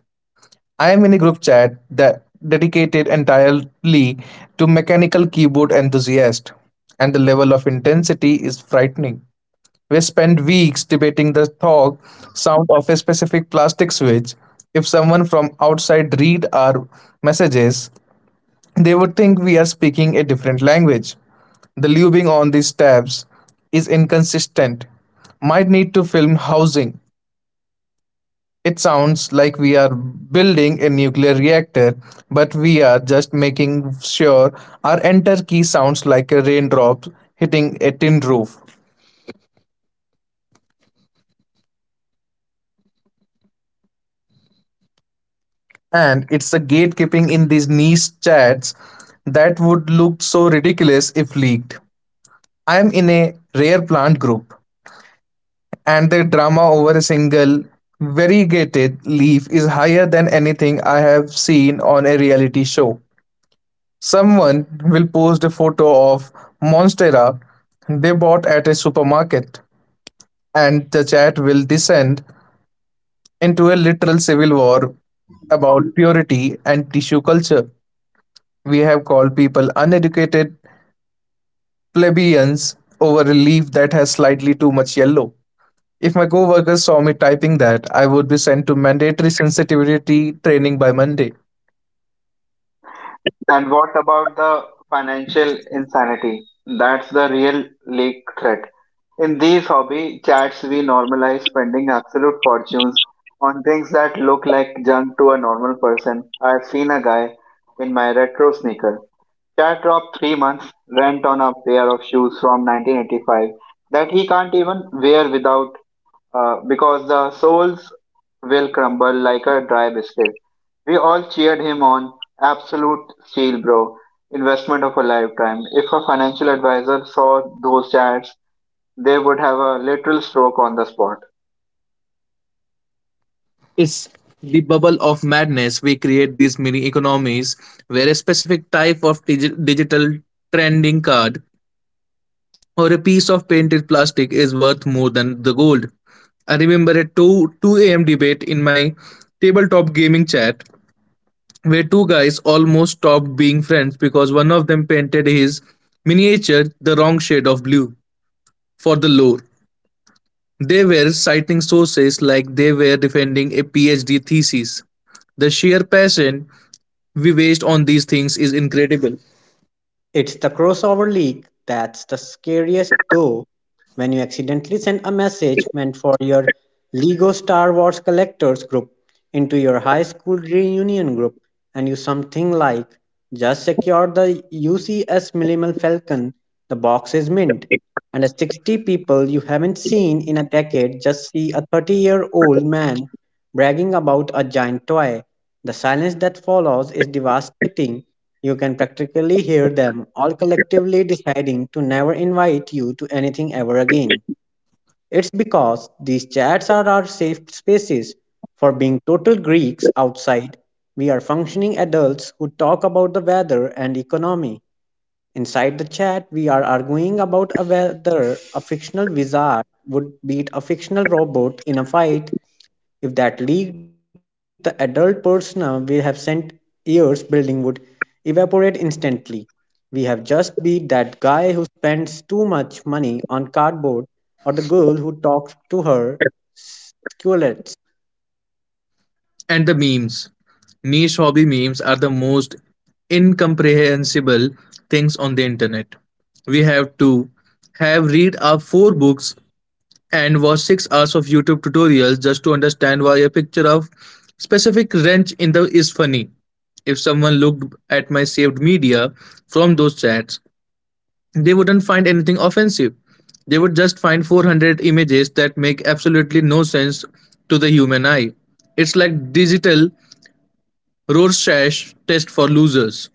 Speaker 2: I am in a group chat that dedicated entirely to mechanical keyboard enthusiasts and the level of intensity is frightening. We spent weeks debating the thog sound of a specific plastic switch. If someone from outside read our messages, they would think we are speaking a different language. The lubing on these tabs is inconsistent. Might need to film housing. It sounds like we are building a nuclear reactor, but we are just making sure our enter key sounds like a raindrop hitting a tin roof. And it's the gatekeeping in these niche chats that would look so ridiculous if leaked. I'm in a rare plant group, and the drama over a single variegated leaf is higher than anything I have seen on a reality show. Someone will post a photo of Monstera they bought at a supermarket, and the chat will descend into a literal civil war about purity and tissue culture. We have called people uneducated plebeians over a leaf that has slightly too much yellow. If my co workers saw me typing that, I would be sent to mandatory sensitivity training by Monday.
Speaker 1: And what about the financial insanity? That's the real leak threat. In these hobby chats, we normalize spending absolute fortunes on things that look like junk to a normal person. I've seen a guy in my retro sneaker Chad dropped 3 months' rent on a pair of shoes from 1985 that he can't even wear without because the soles will crumble like a dry biscuit. We all cheered him on. Absolute steal, bro. Investment of a lifetime. If a financial advisor saw those chats, they would have a literal stroke on the spot.
Speaker 2: It's the bubble of madness. We create these mini economies where a specific type of digital trending card or a piece of painted plastic is worth more than the gold. I remember a 2 a.m. debate in my tabletop gaming chat where two guys almost stopped being friends because one of them painted his miniature the wrong shade of blue for the lore. They were citing sources like they were defending a PhD thesis. The sheer passion we waste on these things is incredible. And the memes. Niche hobby memes are the most incomprehensible things on the internet. We have to have read our four books and watch 6 hours of YouTube tutorials just to understand why a picture of specific wrench in the is funny. If someone looked at my saved media from those chats, they wouldn't find anything offensive. They would just find 400 images that make absolutely no sense to the human eye. It's like digital Roar's trash test for losers.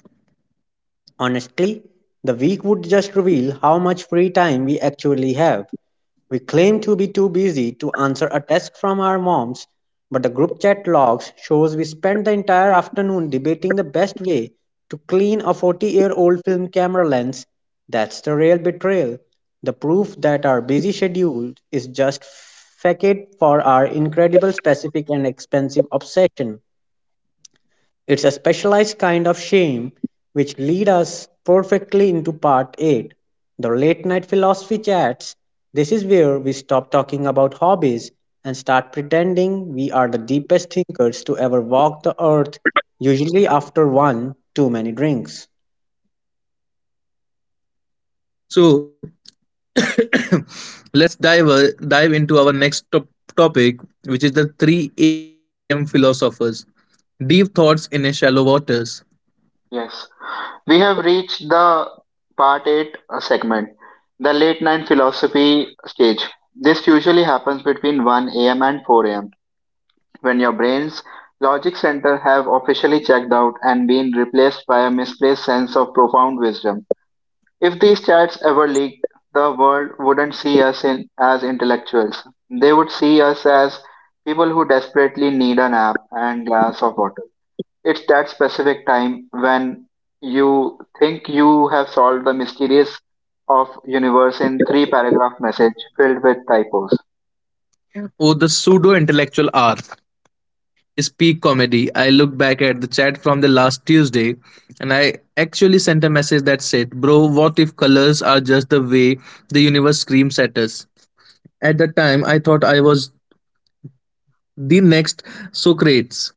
Speaker 2: So [coughs] let's dive into our next topic, which is the 3 a.m. philosophers. Deep thoughts in a shallow waters.
Speaker 1: Yes. We have reached the part 8 segment, the late night philosophy stage. This usually happens between 1 a.m. and 4 a.m. when your brain's logic center have officially checked out and been replaced by a misplaced sense of profound wisdom. If these chats ever leaked, the world wouldn't see us in, as intellectuals. They would see us as people who desperately need a nap and glass of water. It's that specific time when you think you have solved the mysteries of universe in three paragraph message filled with typos.
Speaker 2: Oh, the pseudo intellectual hour is peak comedy. I look back at the chat from the last Tuesday, and I actually sent a message that said, "Bro, what if colors are just the way the universe screams at us?" At that time, I thought I was the next Socrates.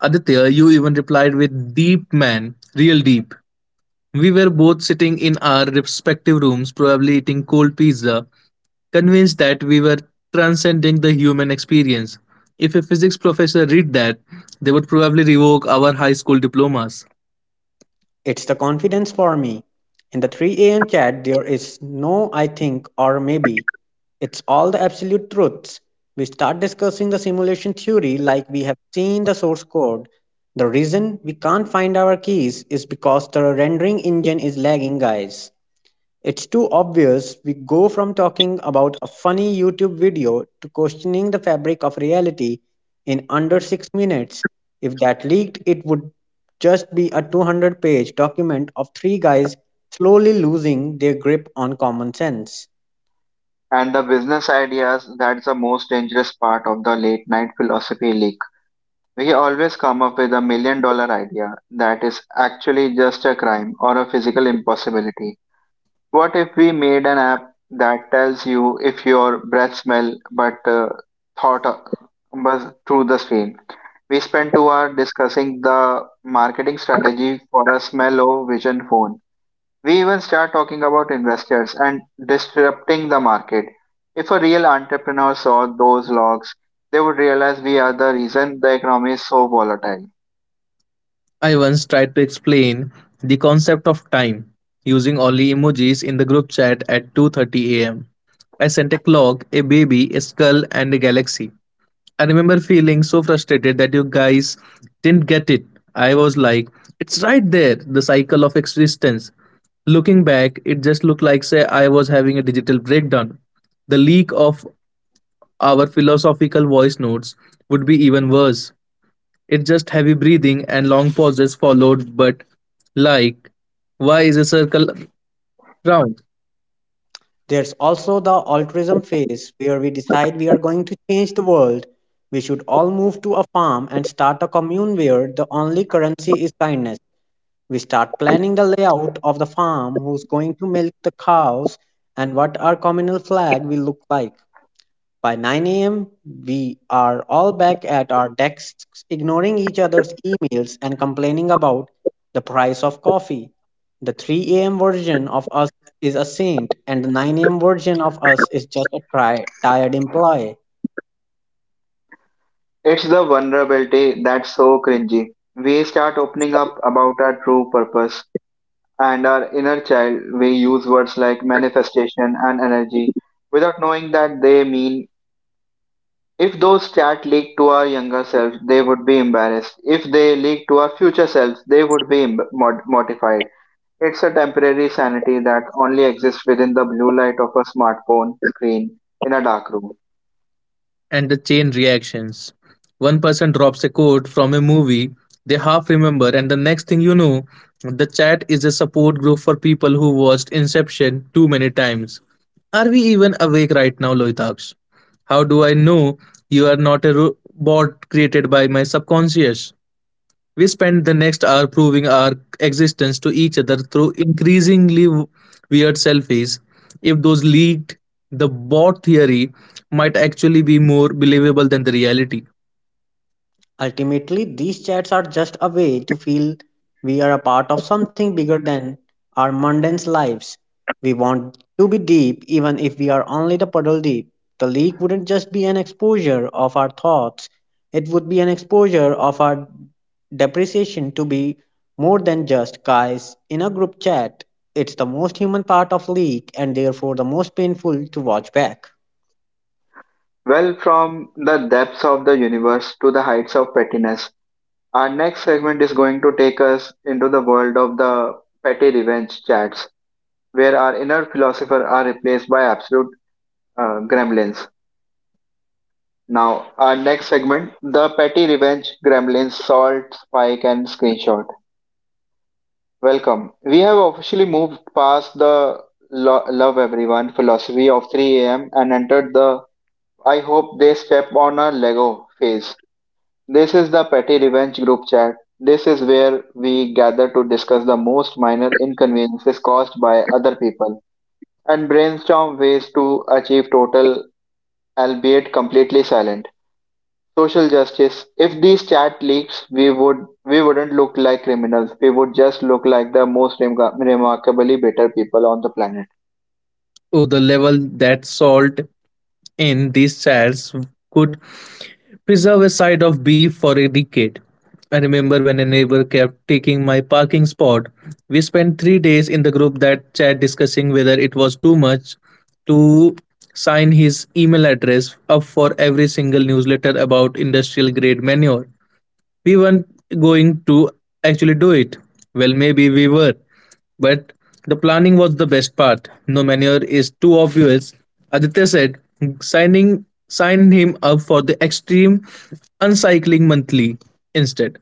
Speaker 2: Aditya, you even replied with deep, man, real deep. We were both sitting in our respective rooms, probably eating cold pizza, convinced that we were transcending the human experience. If a physics professor read that, they would probably revoke our high school diplomas.
Speaker 1: And the business ideas, that's the most dangerous part of the late night philosophy leak. We always come up with a million dollar idea that is actually just a crime or a physical impossibility. What if we made an app that tells you if your breath smell but uh, thought uh, but through the screen? We spent 2 hours discussing the marketing strategy for a small low vision phone. We even start talking about investors and disrupting the market. If a real entrepreneur saw those logs, they would realize we are the reason the economy is so volatile.
Speaker 2: I once tried to explain the concept of time using only emojis in the group chat at 2:30 a.m. I sent a clock, a baby, a skull and a galaxy. I remember feeling so frustrated that you guys didn't get it. I was like, it's right there, the cycle of existence. Looking back, it just looked like say I was having a digital breakdown. The leak of our philosophical voice notes would be even worse. It's just heavy breathing and long pauses followed but like why is a circle round?
Speaker 1: It's the vulnerability that's so cringy. We start opening up about our true purpose and our inner child. We use words like manifestation and energy without knowing that they mean. If those chats leaked to our younger selves, they would be embarrassed. If they leaked to our future selves, they would be mortified. It's a temporary sanity that only exists within the blue light of a smartphone screen in a dark room.
Speaker 2: And the chain reactions. One person drops a quote from a movie they half remember, and the next thing you know, the chat is a support group for people who watched Inception too many times. Are we even awake right now, Loitaks? How do I know you are not a bot created by my subconscious? We spend the next hour proving our existence to each other through increasingly weird selfies. If those leaked, the bot theory might actually be more believable than the reality.
Speaker 1: Well, from the depths of the universe to the heights of pettiness, our next segment is going to take us into the world of the petty revenge chats, where our inner philosopher are replaced by absolute gremlins. Now, our next segment, the petty revenge, gremlins, salt, spike, and screenshot. Welcome. We have officially moved past the love everyone philosophy of 3 a.m. and entered the I hope they step on a Lego phase. This is the petty revenge group chat. This is where we gather to discuss the most minor inconveniences caused by other people and brainstorm ways to achieve total, albeit completely silent, social justice. If these chat leaks, we wouldn't look like criminals. We would just look like the most remarkably better people on the planet.
Speaker 2: Oh, the level that salt in these chairs could preserve a side of beef for a decade. I remember when a neighbor kept taking my parking spot. We spent 3 days in the group that chat discussing whether it was too much to sign his email address up for every single newsletter about industrial grade manure. We weren't going to actually do it. Well, maybe we were, but the planning was the best part. No manure is too obvious, Aditya said, signing signed him up for the extreme uncycling monthly instead.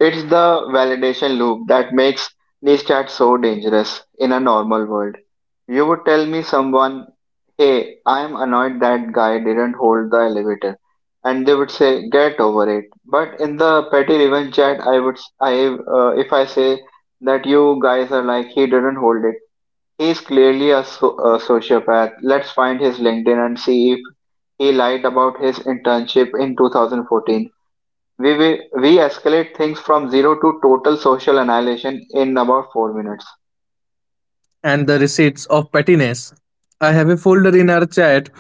Speaker 1: It's the validation loop that makes these chats so dangerous in a normal world. You would tell me someone, "Hey, I'm annoyed that guy didn't hold the elevator," and they would say, "Get over it." But in the petty revenge chat, I would s- I if I say that you guys are like he didn't hold it. He's clearly a sociopath. Let's find his LinkedIn and see if he lied about his internship in 2014. We escalate things from zero to total social annihilation in about 4 minutes.
Speaker 2: And the receipts of pettiness. I have a folder in our chat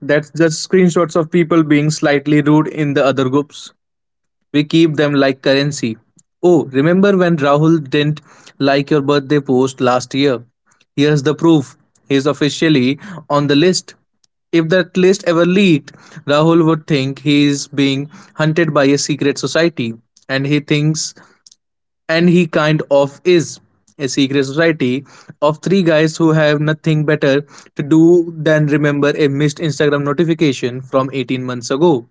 Speaker 2: that's just screenshots of people being slightly rude in the other groups. We keep them like currency. Oh, remember when Rahul didn't like your birthday post last year? Here's the proof. He's officially on the list. If that list ever leaked, Rahul would think he is being hunted by a secret society, and he thinks, and he kind of is, a secret society of three guys who have nothing better to do than remember a missed Instagram notification from 18 months ago.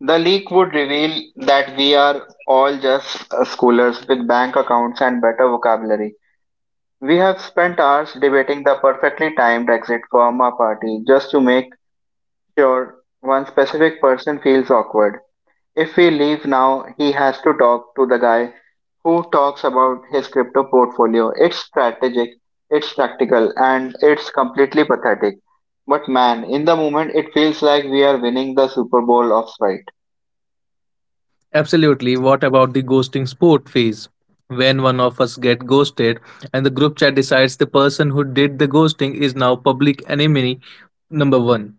Speaker 1: The leak would reveal that we are all just schoolers with bank accounts and better vocabulary. We have spent hours debating the perfectly timed exit from a party just to make sure one specific person feels awkward. If we leave now, he has to talk to the guy who talks about his crypto portfolio. It's strategic, it's practical, and it's completely pathetic. But man, in the moment, it feels like we are winning the Super Bowl of spite.
Speaker 2: Absolutely. What about the ghosting sport phase? When one of us get ghosted and the group chat decides the person who did the ghosting is now public enemy number 1.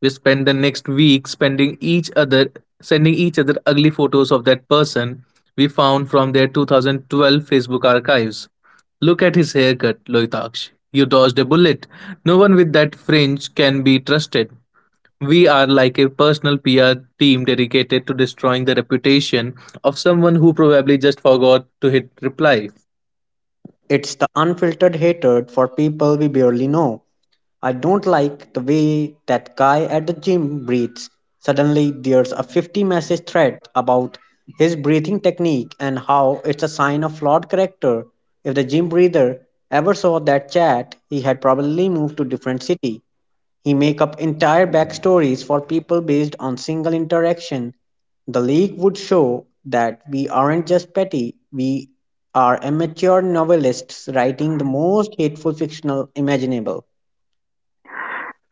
Speaker 2: We spend the next week spending each other sending each other ugly photos of that person we found from their 2012 Facebook archives. Look at his haircut, Loitaksh. You dodged a bullet. No one with that fringe can be trusted. We are like a personal PR team dedicated to destroying the reputation of someone who probably just forgot to hit reply.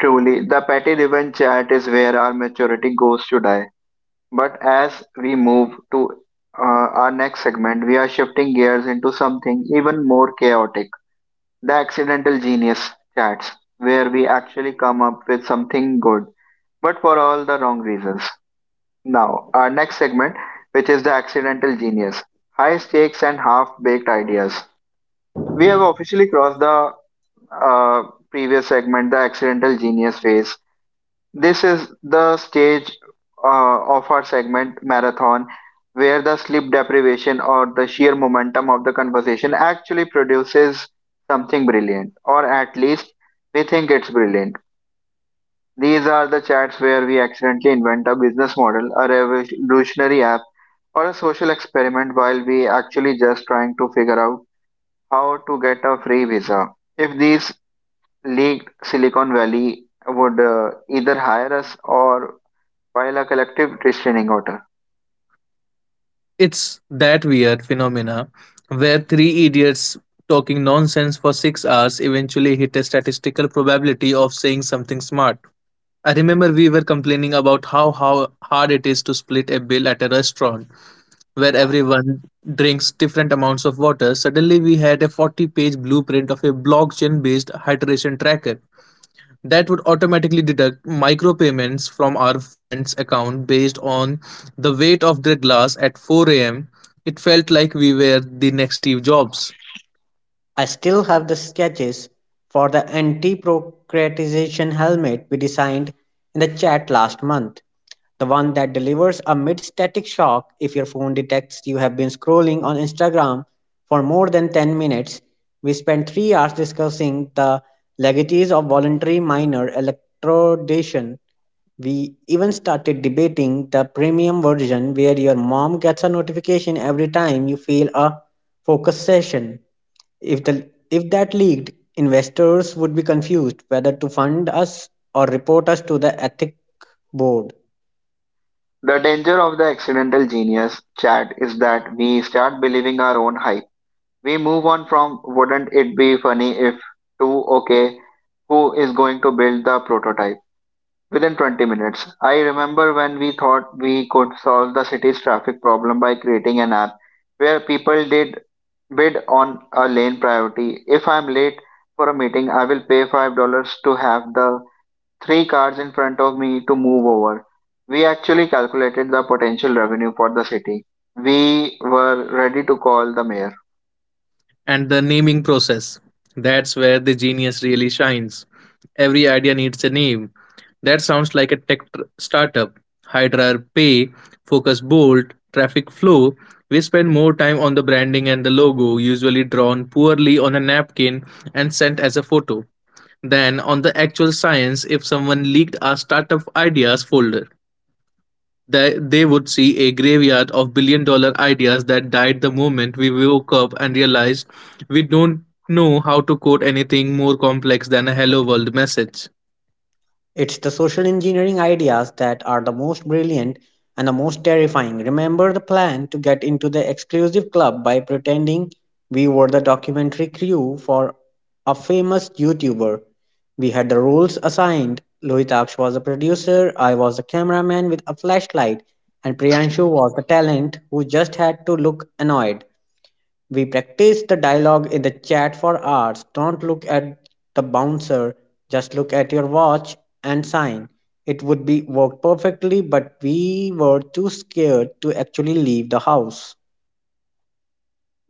Speaker 1: Truly, the petty revenge chat is where our maturity goes to die. But as we move to our next segment, we are shifting gears into something even more chaotic, the accidental genius chats, where we actually come up with something good but for all the wrong reasons. Now, our next segment, which is the accidental genius, high stakes and half baked ideas. We have officially crossed the uh, previous segment, the accidental genius phase. This is the stage of our segment marathon where the sleep deprivation or the sheer momentum of the conversation actually produces something brilliant, or at least we think it's brilliant. These are the chats where we accidentally invent a business model, a revolutionary app, or a social experiment while we actually just trying to figure out how to get a free visa. If these leaked, Silicon Valley would either hire us or file a collective restraining order.
Speaker 2: It's that weird phenomena where three idiots talking nonsense for 6 hours eventually hit a statistical probability of saying something smart. I remember we were complaining about how hard it is to split a bill at a restaurant where everyone drinks different amounts of water. Suddenly, we had a 40-page blueprint of a blockchain based hydration tracker that would automatically deduct micropayments from our friend's account based on the weight of their glass at 4 a.m. It felt like we were the next Steve Jobs.
Speaker 1: The danger of the accidental genius chat is that we start believing our own hype. We move on from wouldn't it be funny if to okay, who is going to build the prototype? Within 20 minutes, I remember when we thought we could solve the city's traffic problem by creating an app where people did bid on a lane priority. If I'm late for a meeting, I will pay $5 to have the three cars in front of me to move over. We actually calculated the potential revenue for the city. We were ready to call the mayor.
Speaker 2: And the naming process, that's where the genius really shines. Every idea needs a name that sounds like a tech startup. Hydra Pay, Focus Bolt, Traffic Flow. We spend more time on the branding and the logo, usually drawn poorly on a napkin and sent as a photo, than on the actual science. If someone leaked our startup ideas folder, they would see a graveyard of billion dollar ideas that died the moment we woke up and realized we don't know how to code anything more complex than a hello world message.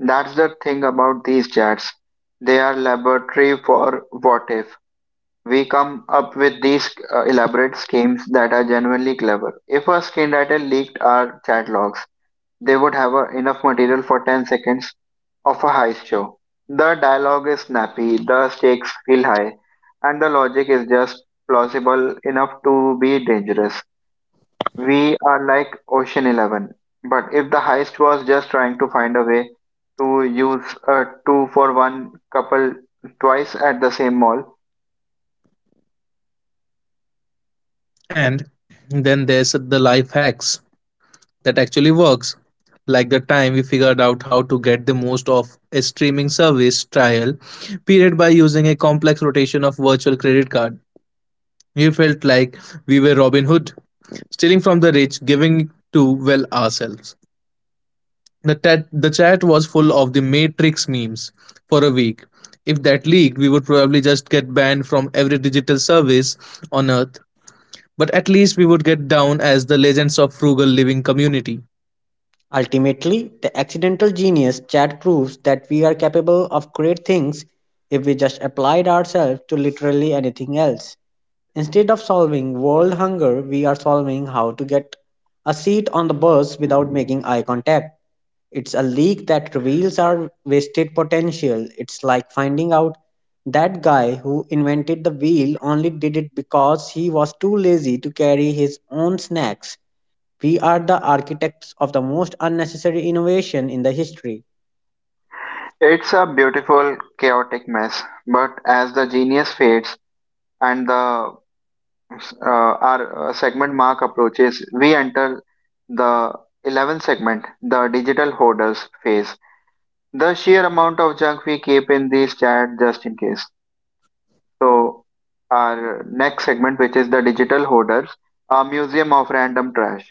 Speaker 1: That's the thing about these chats. They are laboratory for what if. We come up with these elaborate schemes that are genuinely clever. If a screenwriter leaked our chat logs, they would have enough material for 10 seconds of a heist show. The dialogue is snappy, the stakes feel high, and the logic is just plausible enough to be dangerous. We are like Ocean 11. But if the heist was just trying to find a way to use a two for one couple twice at the same mall.
Speaker 2: And then there's the life hacks that actually works. Like the time we figured out how to get the most of a streaming service trial period by using a complex rotation of virtual credit card. We felt like we were Robin Hood, stealing from the rich, giving to, well, ourselves. The chat was full of the Matrix memes for a week. If that leaked, we would probably just get banned from every digital service on earth, but at least we would get down as the legends of frugal living community.
Speaker 1: It's a beautiful, chaotic mess, but as the genius fades and the our segment mark approaches, we enter the 11th segment, the digital hoarders phase. The sheer amount of junk we keep in these chat just in case. So, our next segment, which is the digital hoarders, a museum of random trash.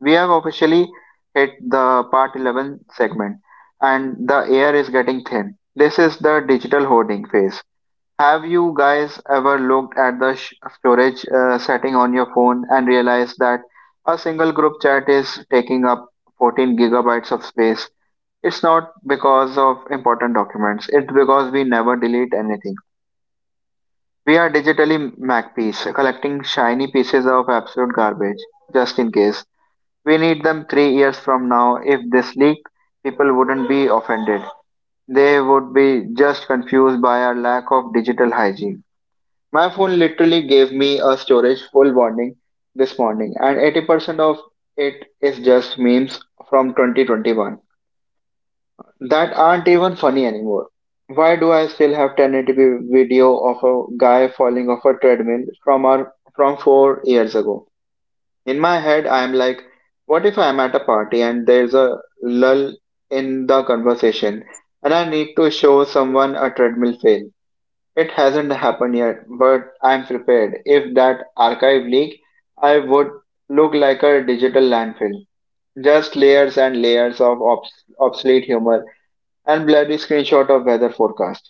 Speaker 1: We have officially hit the part 11 segment, and the air is getting thin. This is the digital hoarding phase. Have you guys ever looked at the storage setting on your phone and realized that a single group chat is taking up 14 gigabytes of space? It's not because of important documents, it's because we never delete anything. We are digitally MacPiece, collecting shiny pieces of absolute garbage, just in case. We need them 3 years from now. If this leaked, people wouldn't be offended. They would be just confused by our lack of digital hygiene. My phone literally gave me a storage full warning this morning, and 80% of it is just memes from 2021 that aren't even funny anymore. Why do I still have 1080p video of a guy falling off a treadmill from our from 4 years ago? In my head, I'm like, what if I'm at a party and there's a lull in the conversation and I need to show someone a treadmill fail? It hasn't happened yet, but I'm prepared. If that archive leak, I would look like a digital landfill. Just layers and layers of obsolete humor and bloody screenshot of weather forecast.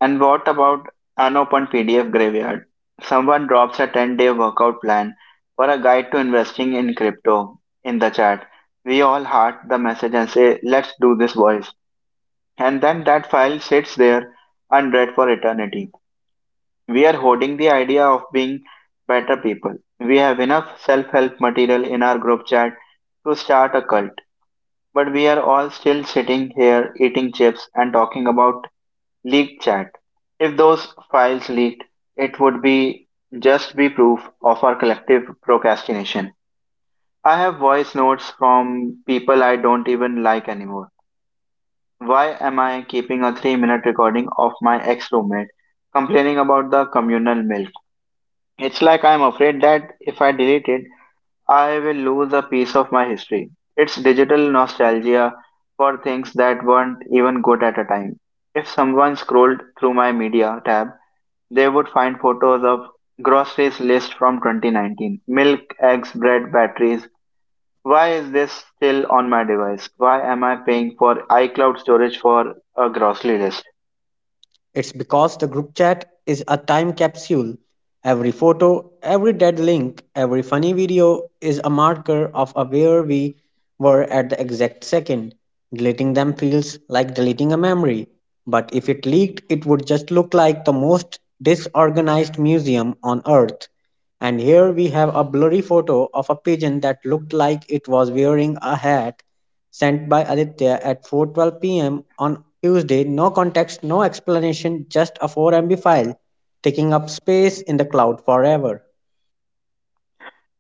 Speaker 1: And what about unopened PDF graveyard? Someone drops a 10-day workout plan or a guide to investing in crypto in the chat. We all heart the message and say, let's do this, boys. And then that file sits there unread for eternity. We are holding the idea of being better people. We have enough self help material in our group chat to start a cult, but we are all still sitting here eating chips and talking about leaked chat. If those files leaked, it would be just be proof of our collective procrastination. I have voice notes from people I don't even like anymore. Why am I keeping a 3-minute recording of my ex roommate complaining about the communal milk? It's like I'm afraid that if I delete it, I will lose a piece of my history. It's digital nostalgia for things that weren't even good at a time. If someone scrolled through my media tab, they would find photos of groceries list from 2019. Milk, eggs, bread, batteries. Why is this still on my device? Why am I paying for iCloud storage for a grocery list?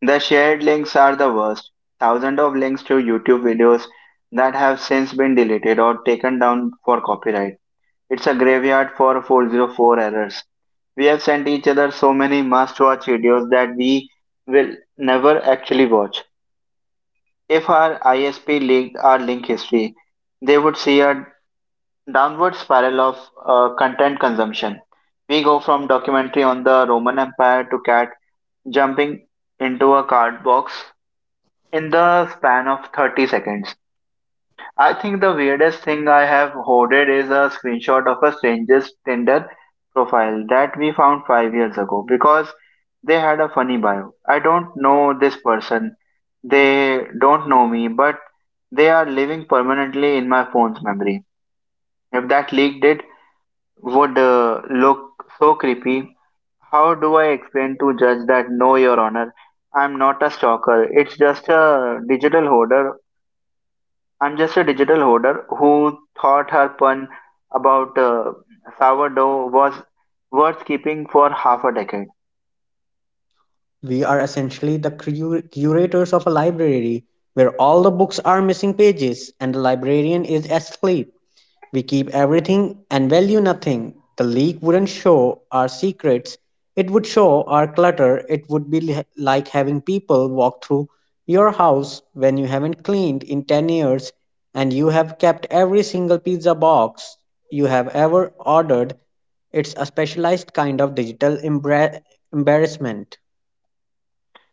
Speaker 1: The shared links are the worst. Thousands of links to YouTube videos that have since been deleted or taken down for copyright. It's a graveyard for 404 errors. We have sent each other so many must watch videos that we will never actually watch. If our ISP leaked our link history, they would see a downward spiral of content consumption. We go from documentary on the Roman Empire to cat jumping into a card box in the span of 30 seconds. I think the weirdest thing I have hoarded is a screenshot of a stranger's Tinder profile that we found 5 years ago because they had a funny bio. I don't know this person, they don't know me, but they are living permanently in my phone's memory. If that leaked, it would look so creepy. How do I explain to judge that no, Your Honor, I'm not a stalker. It's just a digital hoarder I'm just a digital hoarder who thought her pun about sourdough was worth keeping for half a decade.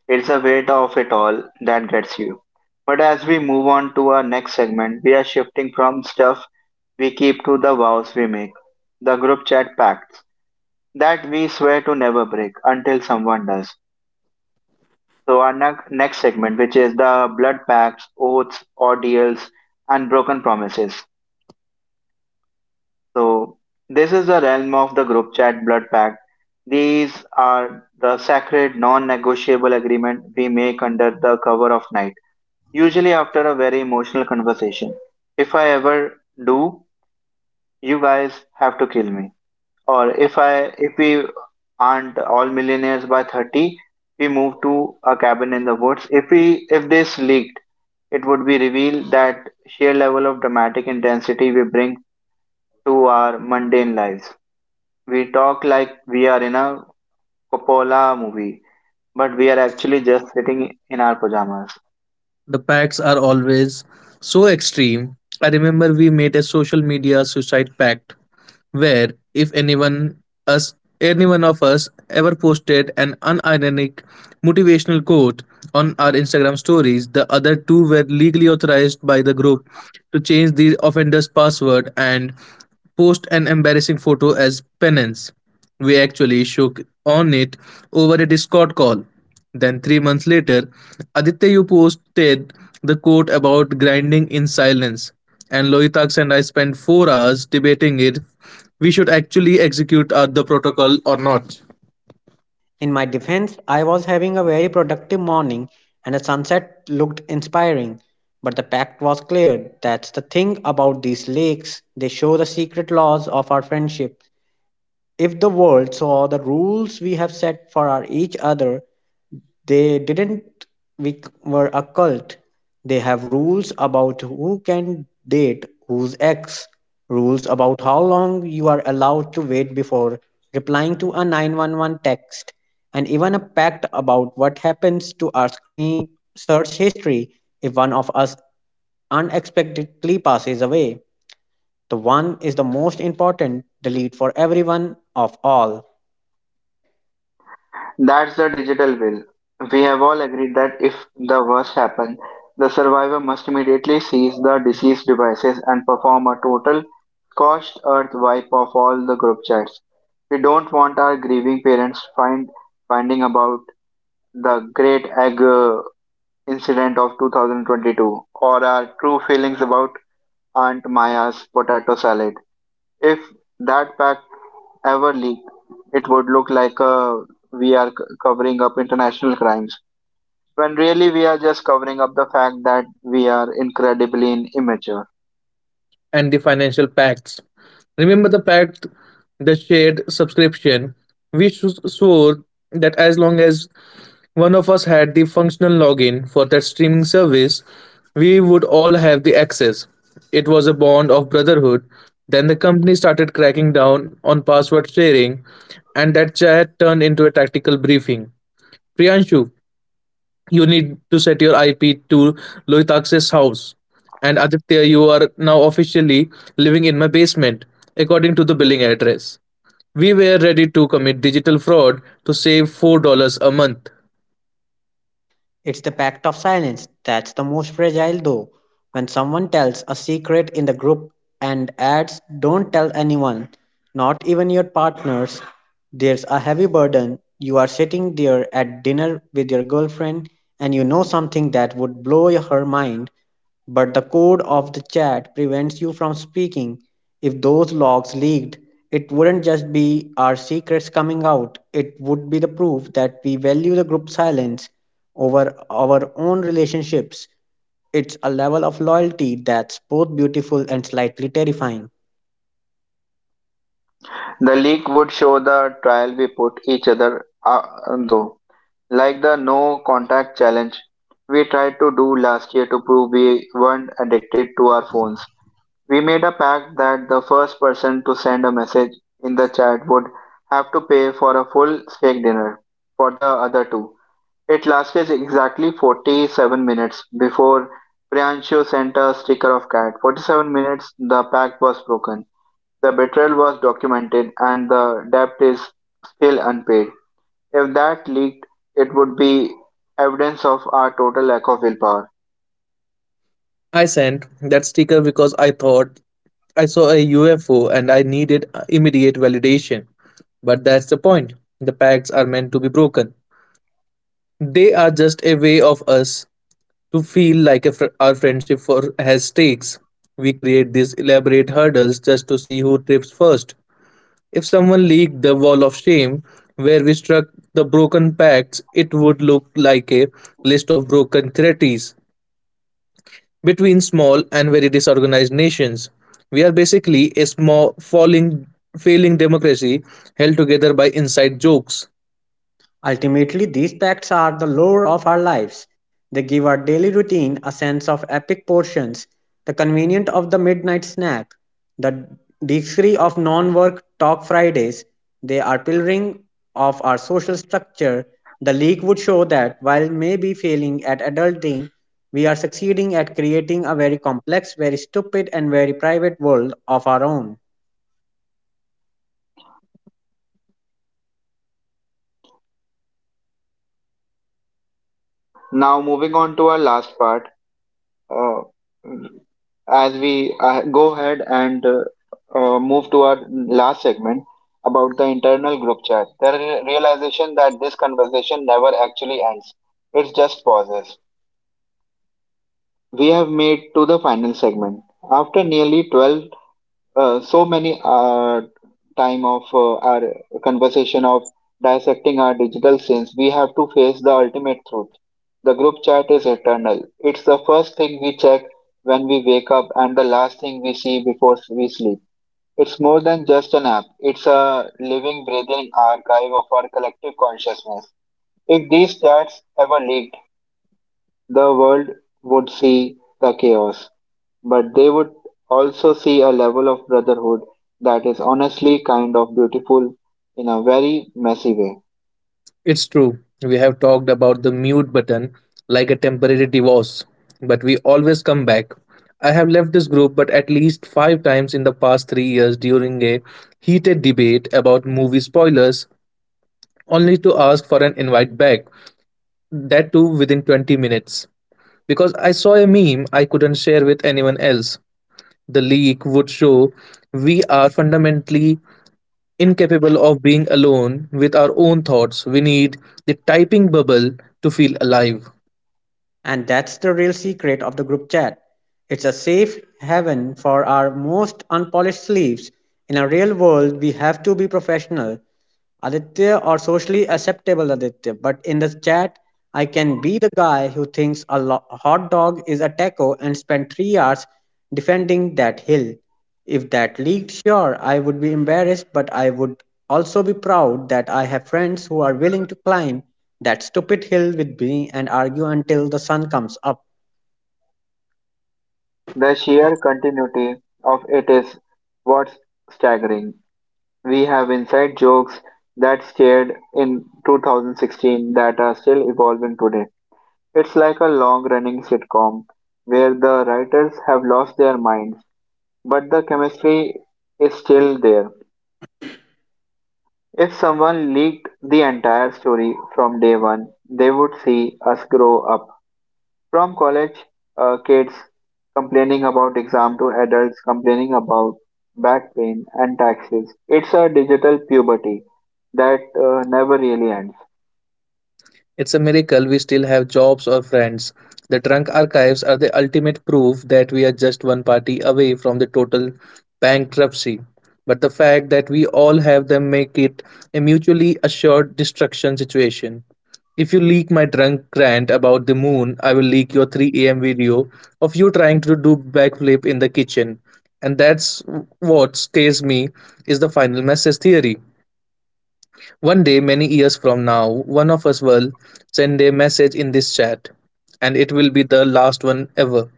Speaker 1: It's the weight of it all that gets you. But as we move on to our next segment, we are shifting from stuff we keep to the vows we make, the group chat pacts that we swear to never break until someone does. So, our next segment, which is the blood pacts, oaths, ordeals, and broken promises. So this is the realm of the group chat blood pact. These are the sacred non-negotiable agreement we make under the cover of night, usually after a very emotional conversation. If I ever do, you guys have to kill me. Or if we aren't all millionaires by 30, we move to a cabin in the woods. If this leaked, it would be revealed that sheer level of dramatic intensity we bring to our mundane lives. We talk like we are in a Coppola movie, but we are actually just sitting in our pajamas.
Speaker 2: The pacts are always so extreme. I remember we made a social media suicide pact where if any one of us ever posted an unironic motivational quote on our Instagram stories, the other two were legally authorized by the group to change the offender's password and post an embarrassing photo as penance. We actually shook on it over a Discord call. Then, 3 months later, Aditya, you posted the quote about grinding in silence, and Loitax and I spent 4 hours debating it. We should actually execute the protocol or not.
Speaker 1: That's the digital will. We have all agreed that if the worst happens, the survivor must immediately seize the deceased devices and perform a total scorched earth wipe of all the group chats. We don't want our grieving parents finding about the great egg incident of 2022 or our true feelings about Aunt Maya's potato salad. If that pack ever leaked, it would look like we are covering up international crimes, when really we are just covering up the fact that we are incredibly immature.
Speaker 2: And the financial pacts. Remember the pact, the shared subscription. We swore that as long as one of us had the functional login for that streaming service, we would all have the access. It was a bond of brotherhood. Then the company started cracking down on password sharing, and that chat turned into a tactical briefing. Priyanshu, you need to set your IP to Loitakse's house. And Aditya, you are now officially living in my basement, according to the billing address. We were ready to commit digital fraud to save $4 dollars a month.
Speaker 1: The leak would show the trial we put each other though, like the no contact challenge we tried to do last year to prove we weren't addicted to our phones. We made a pact that the first person to send a message in the chat would have to pay for a full steak dinner for the other two. It lasted exactly 47 minutes before Priyanshu sent a sticker of cat. 47 minutes, the pact was broken. The betrayal was documented and the debt is still unpaid. If that leaked, it would be evidence of our total lack of willpower.
Speaker 2: I sent that sticker because I thought I saw a UFO and I needed immediate validation. But that's the point. The pacts are meant to be broken. They are just a way of us to feel like our friendship has stakes. We create these elaborate hurdles just to see who trips first. If someone leaked the wall of shame where we struck the broken pacts, it would look like a list of broken treaties between small and very disorganized nations. We are basically a small, failing democracy held together by inside jokes.
Speaker 1: Now, moving on to our last part, uh, as we go ahead and move to our last segment about the internal group chat, the realization that this conversation never actually ends. It just pauses. We have made to the final segment. After nearly 12, so many time of our conversation of dissecting our digital sins, we have to face the ultimate truth. The group chat is eternal. It's the first thing we check when we wake up and the last thing we see before we sleep. It's more than just an app. It's a living, breathing archive of our collective consciousness. If these chats ever leaked, the world would see the chaos. But they would also see a level of brotherhood that is honestly kind of beautiful in a very messy way.
Speaker 2: It's true, we have talked about the mute button like a temporary divorce, but we always come back. I have left this group but at least five times in the past 3 years during a heated debate about movie spoilers, only to ask for an invite back, that too within 20 minutes. Because I saw a meme I couldn't share with anyone else. The leak would show we are fundamentally incapable of being alone with our own thoughts. We need the typing bubble to feel alive.
Speaker 1: The sheer continuity of it is what's staggering. We have inside jokes that started in 2016 that are still evolving today. It's like a long running sitcom where the writers have lost their minds, but the chemistry is still there. If someone leaked the entire story from day one, they would see us grow up from college kids complaining about exam to adults complaining about back pain and taxes. It's a digital puberty that never really ends.
Speaker 2: It's a miracle we still have jobs or friends. The trunk archives are the ultimate proof that we are just one party away from the total bankruptcy. But the fact that we all have them make it a mutually assured destruction situation. If you leak my drunk rant about the moon, I will leak your 3 a.m. video of you trying to do backflip in the kitchen. And that's what scares me is the final message theory. One day, many years from now, one of us will send a message in this chat, and it will be the last one ever.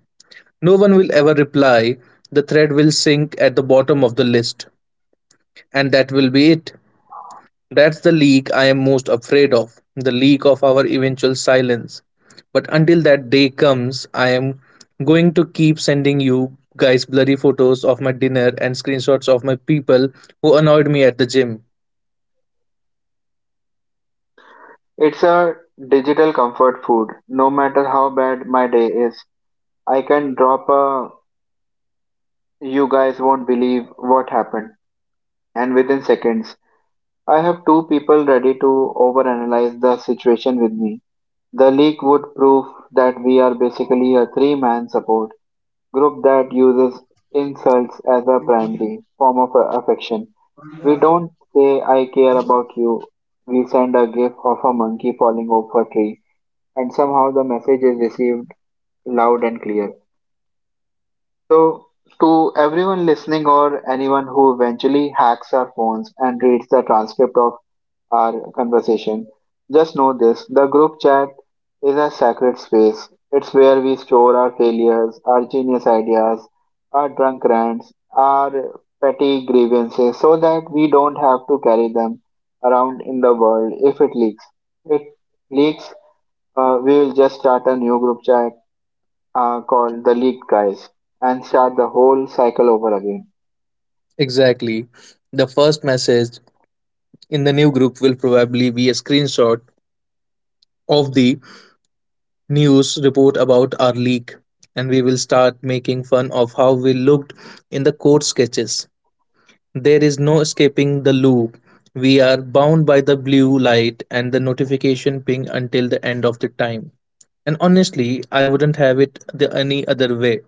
Speaker 2: No one will ever reply. The thread will sink at the bottom of the list, and that will be it. That's the leak I am most afraid of, the leak of our eventual silence. But until that day comes, I am going to keep sending you guys blurry photos of my dinner and screenshots of my people who annoyed me at the gym.
Speaker 1: It's a digital comfort food. No matter how bad my day is, I can drop a you guys won't believe what happened, and within seconds, I have two people ready to overanalyze the situation with me. The leak would prove that we are basically a three-man support group that uses insults as a primary form of affection. We don't say, I care about you. We send a gif of a monkey falling off a tree, and somehow the message is received loud and clear. So, to everyone listening or anyone who eventually hacks our phones and reads the transcript of our conversation, just know this, the group chat is a sacred space. It's where we store our failures, our genius ideas, our drunk rants, our petty grievances, so that we don't have to carry them around in the world if it leaks. If it leaks, we will just start a new group chat called The League Guys and start the whole cycle over again.
Speaker 2: Exactly. The first message in the new group will probably be a screenshot of the news report about our leak, and we will start making fun of how we looked in the code sketches. There is no escaping the loop. We are bound by the blue light and the notification ping until the end of the time. And honestly, I wouldn't have it the any other way.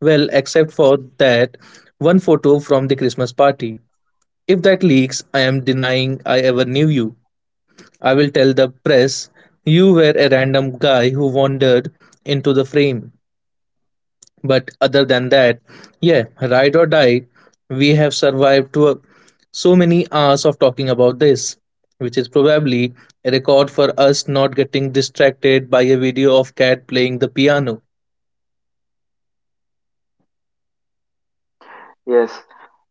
Speaker 2: Well, except for that one photo from the Christmas party. If that leaks, I am denying I ever knew you. I will tell the press you were a random guy who wandered into the frame. But other than that, yeah, ride or die, we have survived to a, so many hours of talking about this, which is probably a record for us not getting distracted by a video of cat playing the piano.
Speaker 1: Yes.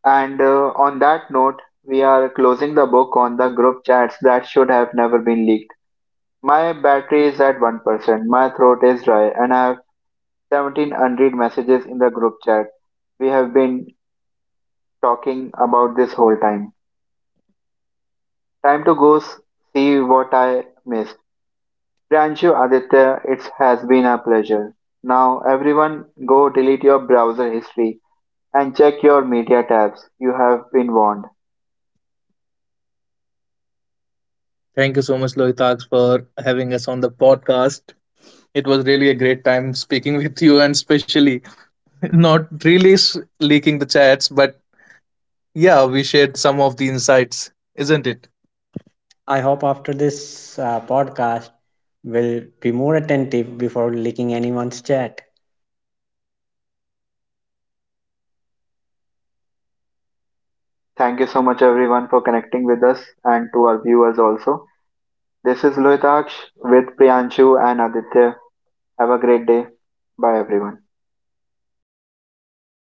Speaker 1: And on that note, we are closing the book on the group chats that should have never been leaked. My battery is at 1%, my throat is dry, and I have 17 unread messages in the group chat we have been talking about this whole time. Time to see what I missed. Pranshu Aditya, it has been a pleasure. Now, everyone, go delete your browser history and check your media tabs. You have been warned.
Speaker 2: Thank you so much, Lohitags, for having us on the podcast. It was really a great time speaking with you, and especially [laughs] not really leaking the chats, but yeah, we shared some of the insights, isn't it?
Speaker 1: Thank you so much, everyone, for connecting with us and to our viewers also. This is Lohitaksh with Priyanshu and Aditya. Have a great day. Bye, everyone.